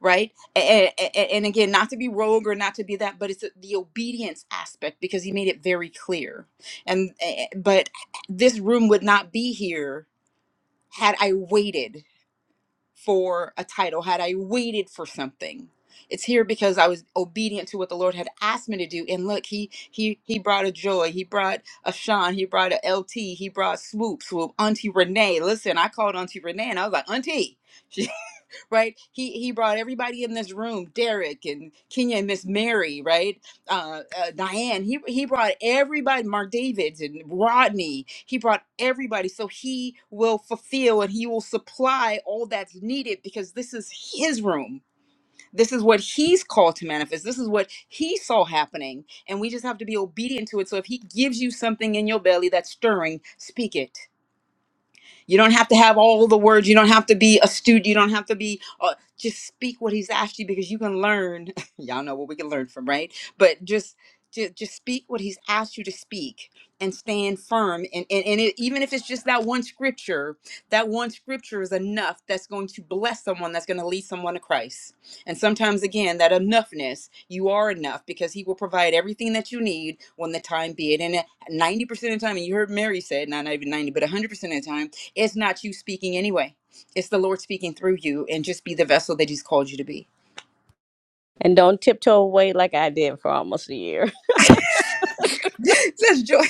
Speaker 9: Right, and, and again, not to be rogue or not to be that, but it's the the obedience aspect because he made it very clear. And eh, eh, but this room would not be here had I waited for a title, had I waited for something. It's here because I was obedient to what the Lord had asked me to do. And look, he he he brought a joy. He brought a Sean. He brought a LT. He brought swoop swoop. Auntie Renee. Listen, I called Auntie Renee and I was like, Auntie. right? He he brought everybody in this room, Derek and Kenya and Miss Mary, right? Uh, uh, Diane. He he brought everybody, Mark Davids and Rodney. He brought everybody, so he will fulfill and he will supply all that's needed because this is his room. This is what he's called to manifest. This is what he saw happening, and we just have to be obedient to it. So if he gives you something in your belly that's stirring, speak it you don't have to have all the words. You don't have to be astute. You don't have to be, uh, just speak what he's asked you because you can learn. Y'all know what we can learn from, right? But just, just, just speak what he's asked you to speak and stand firm. And, and, and it, even if it's just that one scripture, that one scripture is enough that's going to bless someone, that's going to lead someone to Christ. And sometimes, again, that enoughness, you are enough because he will provide everything that you need when the time be it. And uh, 90% of the time, and you heard Mary said, not even 90, but 100% of the time, it's not you speaking anyway. It's the Lord speaking through you and just be the vessel that he's called you to be.
Speaker 8: tiptoe away like I did for almost a year.
Speaker 9: That's joy.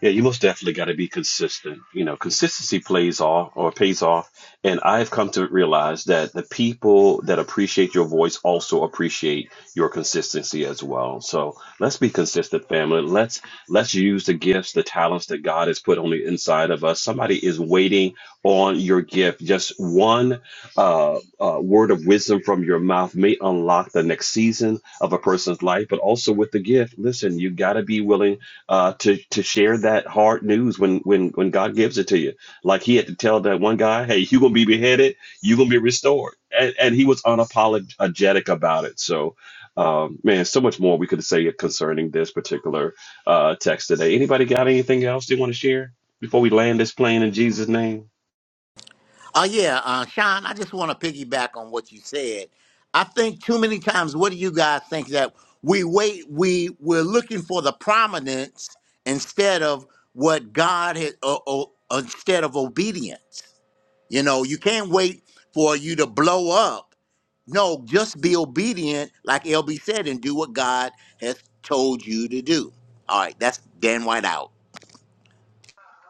Speaker 2: Yeah, you most definitely got to be consistent. You know, consistency plays off or pays off. And I've come to realize that the people that appreciate your voice also appreciate your consistency as well. So let's be consistent, family. Let's let's use the gifts, the talents that God has put on the inside of us. Somebody is waiting on your gift. Just one uh, uh, word of wisdom from your mouth may unlock the next season of a person's life. But also with the gift, listen, you got to be willing uh, to to share that hard news when when when God gives it to you. Like he had to tell that one guy, "Hey, you're gonna be beheaded. You're gonna be restored," and, and he was unapologetic about it. So, um, man, so much more we could say concerning this particular uh, text today. Anybody got anything else they want to share before we land this plane in Jesus' name?
Speaker 4: Oh, yeah, uh, Sean, I just want to piggyback on what you said. I think too many times, what do you guys think that we wait, we, we're looking for the prominence instead of what God has, or, or, instead of obedience. You know, you can't wait for you to blow up. No, just be obedient, like LB said, and do what God has told you to do. All right, that's Dan White out.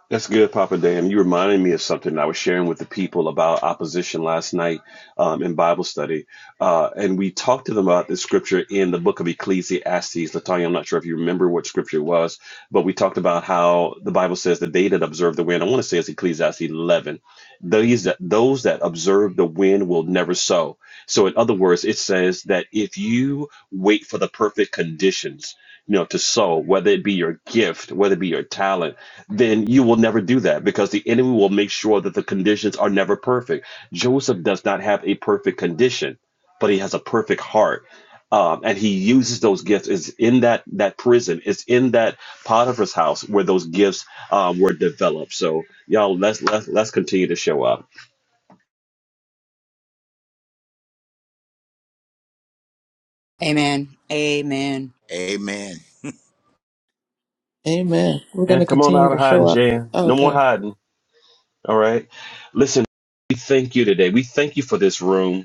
Speaker 2: That's good, Papa Dan. You reminded me of something I was sharing with the people about opposition last night um, in Bible study. Uh, and we talked to them about the scripture in the book of Ecclesiastes. Latonya, I'm not sure if you remember what scripture it was, but we talked about how the Bible says the day that observe the wind, I want to say it's Ecclesiastes 11. These that, those that observe the wind will never sow. So, in other words, it says that if you wait for the perfect conditions, you know, to sow, whether it be your gift, whether it be your talent, then you will never do that because the enemy will make sure that the conditions are never perfect. Joseph does not have a perfect condition, but he has a perfect heart. Um, and he uses those gifts. It's in that that prison. It's in that Potiphar's house where those gifts um, were developed. So y'all, let's let's let's continue to show up.
Speaker 9: Amen. Amen.
Speaker 4: Amen.
Speaker 1: Amen. We're going to
Speaker 2: And come on
Speaker 1: continue
Speaker 2: out of
Speaker 1: to
Speaker 2: hiding,
Speaker 1: show up.
Speaker 2: Jan. No more
Speaker 1: Okay.
Speaker 2: hiding. All right. Listen, we thank you today. We thank you for this room.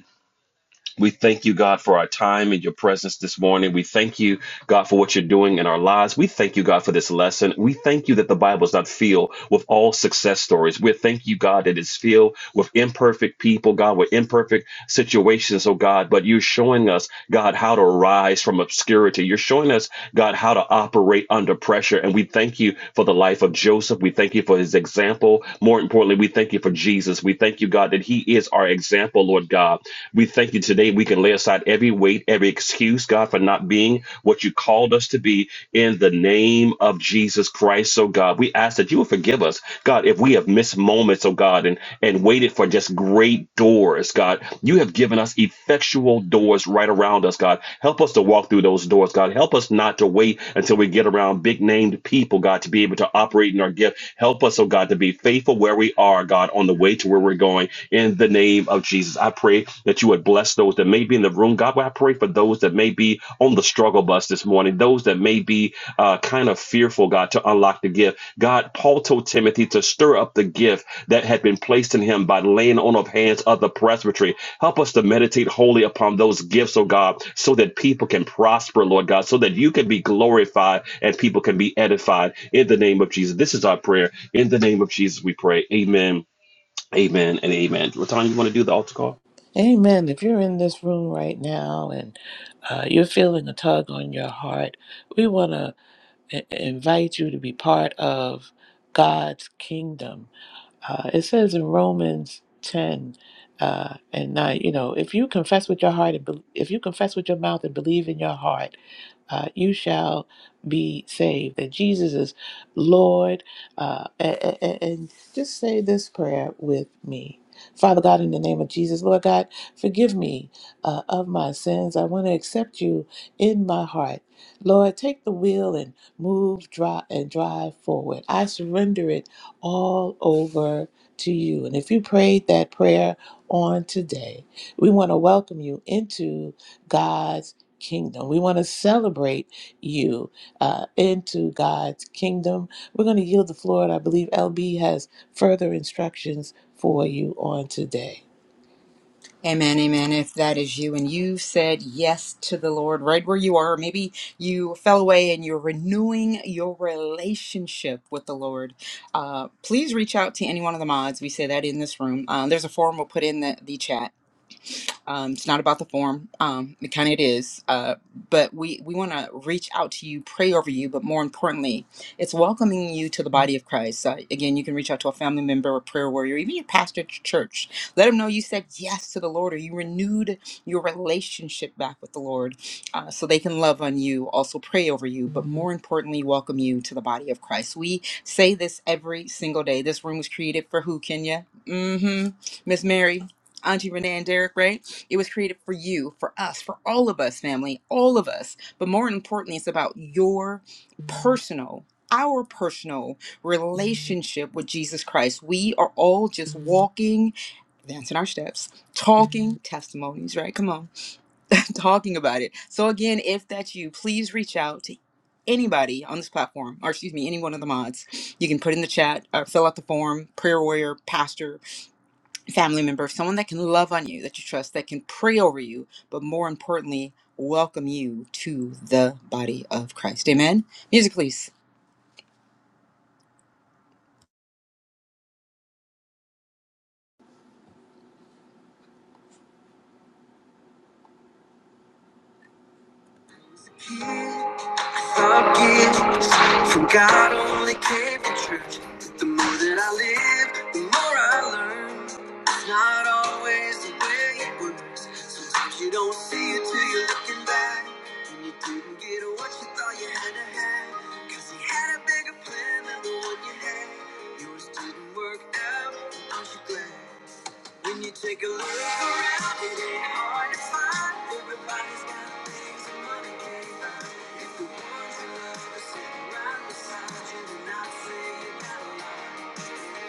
Speaker 2: We thank you, God, for our time in your presence this morning. We thank you, God, for what you're doing in our lives. We thank you, God, for this lesson. We thank you that the Bible is not filled with all success stories. We thank you, God, that it's filled with imperfect people, God, with imperfect situations, oh God. But you're showing us, God, how to rise from obscurity. You're showing us, God, how to operate under pressure. And we thank you for the life of Joseph. We thank you for his example example. More importantly, we thank you for Jesus. We thank you, God, that He is our example, Lord God. We thank you today. We can lay aside every weight, every excuse, God, for not being what you called us to be in the name of Jesus Christ. So, God, we ask that you will forgive us, God, if we have missed moments, oh God, and, and waited for just great doors, God. You have given us us effectual doors right around us, God. Help us to walk through those doors, God. Help us not to wait until we get around big named people, God, to be able to operate in our gift. Help us, oh God, to be faithful where we are, God, on the way to where we're going. In the name of Jesus, I pray that you would bless those that may be in the room. God, I pray for those that may be on the struggle bus this morning, those that may be uh, kind of fearful, God, to unlock the gift. God, Paul told Timothy to stir up the gift that had been placed in him by laying on of hands of the presbytery. Help us to meditate wholly upon those gifts, oh God, so that people can prosper, Lord God, so that you can be glorified and people can be edified in the name of Jesus. This is our prayer. In the name of Jesus, we pray. Amen, amen, and amen. Latanya, you want to do the altar call?
Speaker 1: Amen. If you're in this room right now and uh, you're feeling a tug on your heart, we want to invite you to be part of God's kingdom Uh, it says in Romans 10 uh, and 9, you know, if you confess with your heart, and bel if you confess with your mouth and believe in your heart, uh, you shall be saved. That Jesus is Lord. Uh, and, and and just say this prayer with me. Father God, in the name of Jesus, Lord God, forgive me uh, of my sins. I want to accept you in my heart. Lord, take the wheel and move, drive, and drive forward. I surrender it all over to you. And if you prayed that prayer on today, we want to welcome you into God's kingdom. We want to celebrate you uh, into God's kingdom. We're going to yield the floor, and I believe LB has further instructions for you on today.
Speaker 9: Amen. Amen. If that is you and you said yes to the Lord right where you are, maybe you fell away and you're renewing your relationship with the Lord, uh, please reach out to any one of the mods. We say that in this room. Uh, there's a form we'll put in the, the chat Um, it's not about the form. Um, it kind of it is. Uh, but we, we want to reach out to you, pray over you, but more importantly, it's welcoming you to the body of Christ. Uh, again, you can reach out to a family member, a prayer warrior, even your pastor at your church. Let them know you said yes to the Lord or you renewed your relationship back with the Lord uh, so they can love on you, also pray over you, but more importantly, welcome you to the body of Christ. We say this every single day. This room was created for who, Kenya? Mm hmm. Miss Mary, Auntie Renee, and Derek, right? It was created for you, for us, for all of us, family, all of us. But more importantly, it's about your personal, our personal relationship with Jesus Christ. We are all just walking, dancing our steps, talking testimonies, right? Come on, talking about it. So, again, if that's you, please reach out to anybody on this platform, or excuse me, any one of the mods. You can put in the chat, or fill out the form, prayer warrior, pastor, family member, someone that can love on you, that you trust, that can pray over you, but more importantly, welcome you to the body of Christ. Amen. Music, please.
Speaker 1: Some gifts from God only came from truth But the more that I live, the more I learn. It's not always the way it works. Sometimes you don't see it till you're looking back. And you didn't get what you thought you had to have. Cause he had a bigger plan than the one you had. Yours didn't work out, and aren't you glad? When you take a look around, it ain't hard to find. Everybody's got things that money can't buy. If the ones you love are sitting right beside you, then not say you got a lot.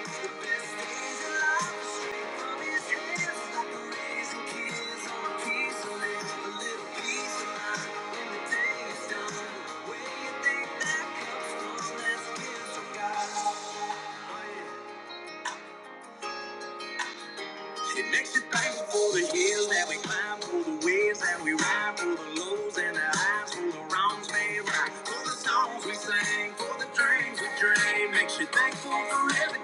Speaker 1: The best things in life are straight from his hands. Like a raisin kids on a piece of land, a little piece of mind. When the day is done, where you think that comes from? That's gifts from God. Oh, yeah. It makes you thankful for the hills that we climb, for the waves that we ride, for the lows and the highs, for the wrongs made right, for the songs we sang, for the dreams we dream. Makes you thankful for everything.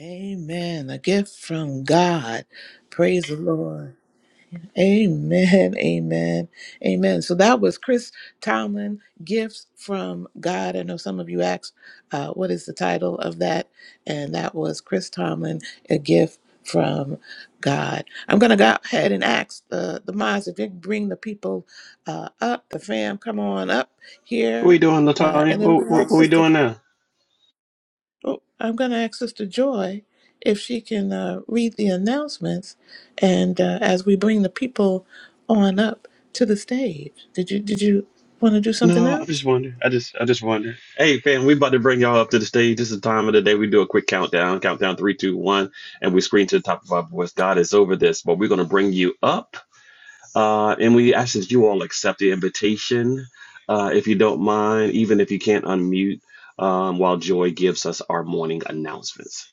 Speaker 1: Amen. A gift from God. Praise the Lord. Amen. Amen. Amen. So that was Chris Tomlin, Gifts from God. I know some of you asked, uh, what is the title of that? And that was Chris Tomlin, A Gift from God. I'm going to go ahead and ask the, the mods if you can bring the people uh, up, the fam, come on up
Speaker 2: What are
Speaker 1: here.
Speaker 2: we doing,
Speaker 1: Uh,
Speaker 2: Latanya?
Speaker 1: and then I'm
Speaker 2: What,
Speaker 1: going to
Speaker 2: what, what
Speaker 1: ask
Speaker 2: are we
Speaker 1: Sister.
Speaker 2: doing now?
Speaker 1: Well, I'm going to ask Sister Joy if she can uh, read the announcements, and uh, as we bring the people on up to the stage, did you did you want to do something
Speaker 2: No, I'm
Speaker 1: else?
Speaker 2: just wondering. I just, I just wonder. Hey, fam, we about to bring y'all up to the stage. This is the time of the day. We do a quick countdown. Countdown three, two, one, and we scream to the top of our voice. God is over this, but we're gonna bring you up Uh, and we ask that you all accept the invitation, uh, if you don't mind, even if you can't unmute, um, while Joy gives us our morning announcements.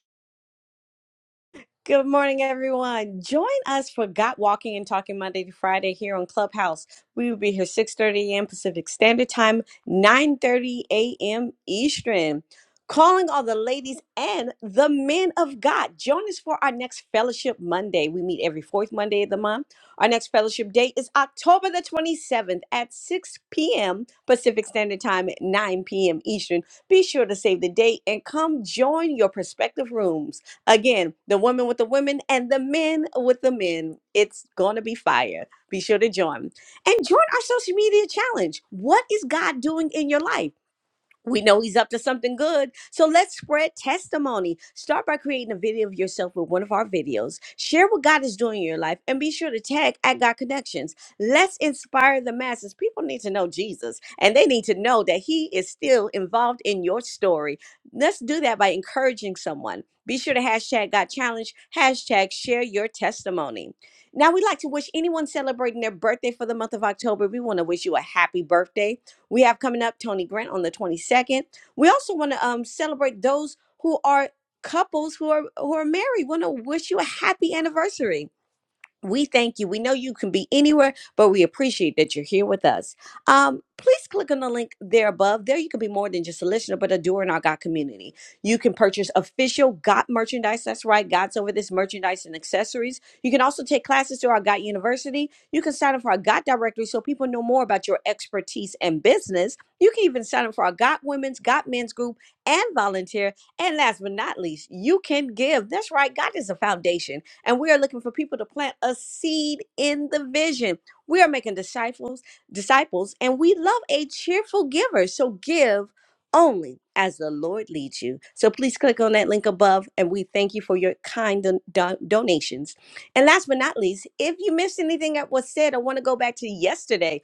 Speaker 8: Good morning, everyone. Join us for Got Walking and Talking Monday to Friday here on Clubhouse. We will be here 6.30 a.m. Pacific Standard Time, 9.30 a.m. Eastern. Calling all the ladies and the men of God. Join us for our next Fellowship Monday. We meet every fourth Monday of the month. Our next Fellowship Day is October the 27th at 6 p.m. Pacific Standard Time, at 9 p.m. Eastern. Be sure to save the date and come join your prospective rooms. Again, the women with the women and the men with the men. It's going to be fire. Be sure to join. And join our social media challenge. What is God doing in your life? We know he's up to something good. So let's spread testimony. Start by creating a video of yourself with one of our videos. Share what God is doing in your life and be sure to tag at God Connections. Let's inspire the masses. People need to know Jesus and they need to know that he is still involved in your story. Let's do that by encouraging someone. Be sure to hashtag God Challenge, hashtag share your testimony. Now, we'd like to wish anyone celebrating their birthday for the month of October, we want to wish you a happy birthday. We have coming up Tony Grant on the 22nd. We also want to um, celebrate those who are couples who are who are married. Want to wish you a happy anniversary. We thank you. We know you can be anywhere, but we appreciate that you're here with us. Um, please click on the link there above. There, you can be more than just a listener, but a doer in our God community. You can purchase official God merchandise. That's right, God's over this merchandise and accessories. You can also take classes through our God University. You can sign up for our God directory so people know more about your expertise and business. You can even sign up for our God Women's, God Men's group, and volunteer. And last but not least, you can give. That's right, God is a foundation. And we are looking for people to plant a seed in the vision. We are making disciples, disciples, and we love a cheerful giver. So give only as the Lord leads you. So please click on that link above, and we thank you for your kind don- don- donations. And last but not least, if you missed anything that was said, I want to go back to yesterday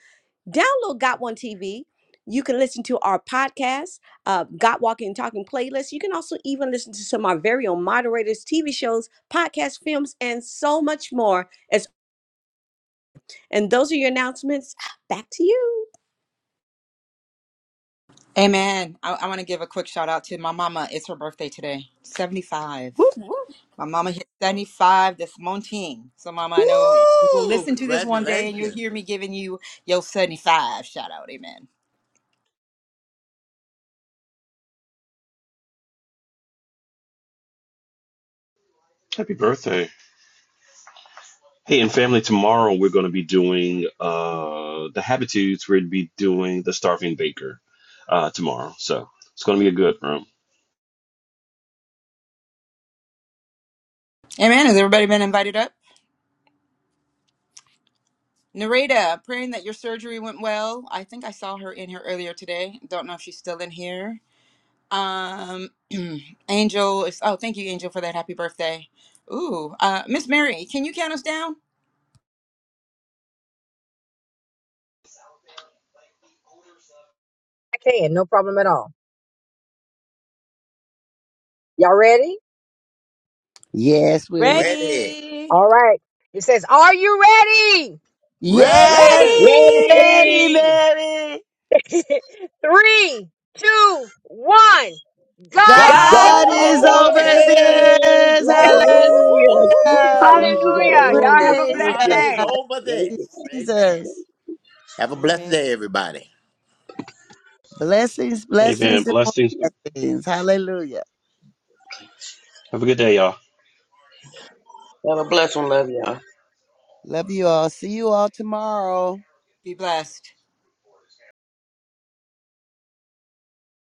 Speaker 8: Download Got One TV. You can listen to our podcast, uh, Got Walking and Talking playlist. You can also even listen to some of our very own moderators, TV shows, podcasts, films, and so much more. As and those are your announcements. Back to you.
Speaker 9: Amen. I, I want to give a quick shout out to my mama. It's her birthday today, 75.
Speaker 8: Whoop, whoop.
Speaker 9: My mama hit 75 this morning. So, mama, I know you will
Speaker 4: Woo!
Speaker 9: listen to this one day and you'll
Speaker 4: Congratulations.
Speaker 9: hear me giving you your 75 shout out. Amen.
Speaker 2: Happy birthday. Hey, and family, tomorrow we're going to be doing uh, the Habitudes. We're going to be doing the Starving Baker uh, tomorrow. So it's going to be a good room.
Speaker 9: Amen. Has everybody been invited up? Narita, praying that your surgery went well. I think I saw her in here earlier today. Don't know if she's still in here. Um, Angel is. Oh, thank you, Angel, for that. Happy birthday. Ooh, uh, Miss Mary, can you count us down?
Speaker 12: I can, no problem at all. Y'all ready?
Speaker 3: Yes, we
Speaker 4: Ready.
Speaker 8: Ready,
Speaker 12: All right. It says, Are you
Speaker 3: Yes, we're
Speaker 4: Ready.
Speaker 8: ready.
Speaker 3: ready,
Speaker 13: Ready!
Speaker 3: Mary.
Speaker 12: ready? Three, two, one. God's
Speaker 8: God's
Speaker 3: God
Speaker 4: God's
Speaker 13: God
Speaker 12: over
Speaker 13: is
Speaker 3: is
Speaker 12: this.
Speaker 8: over
Speaker 4: over
Speaker 13: over
Speaker 3: over
Speaker 8: this.
Speaker 4: this.
Speaker 13: this!
Speaker 3: this.
Speaker 4: Woo!
Speaker 8: Whoop, whoop, whoop, whoop, whoop, whoop,
Speaker 13: Hallelujah!
Speaker 3: Hallelujah.
Speaker 13: Jesus,
Speaker 12: Hallelujah. Y'all
Speaker 13: hallelujah!
Speaker 12: have a
Speaker 3: Praise
Speaker 13: Thank
Speaker 12: blessed
Speaker 4: God
Speaker 13: you.
Speaker 4: is
Speaker 12: day.
Speaker 3: God.
Speaker 4: over
Speaker 13: Thank you.
Speaker 4: this.
Speaker 13: God.
Speaker 4: Amen.
Speaker 3: Jesus.
Speaker 4: Have a
Speaker 8: Amen.
Speaker 4: blessed day, everybody.
Speaker 3: Blessings,
Speaker 2: Amen.
Speaker 3: blessings, and more
Speaker 2: Blessings.
Speaker 3: blessings. Hallelujah.
Speaker 2: Have a good day, y'all.
Speaker 13: bless and love you.
Speaker 3: Love you all. See you all tomorrow.
Speaker 9: Be blessed.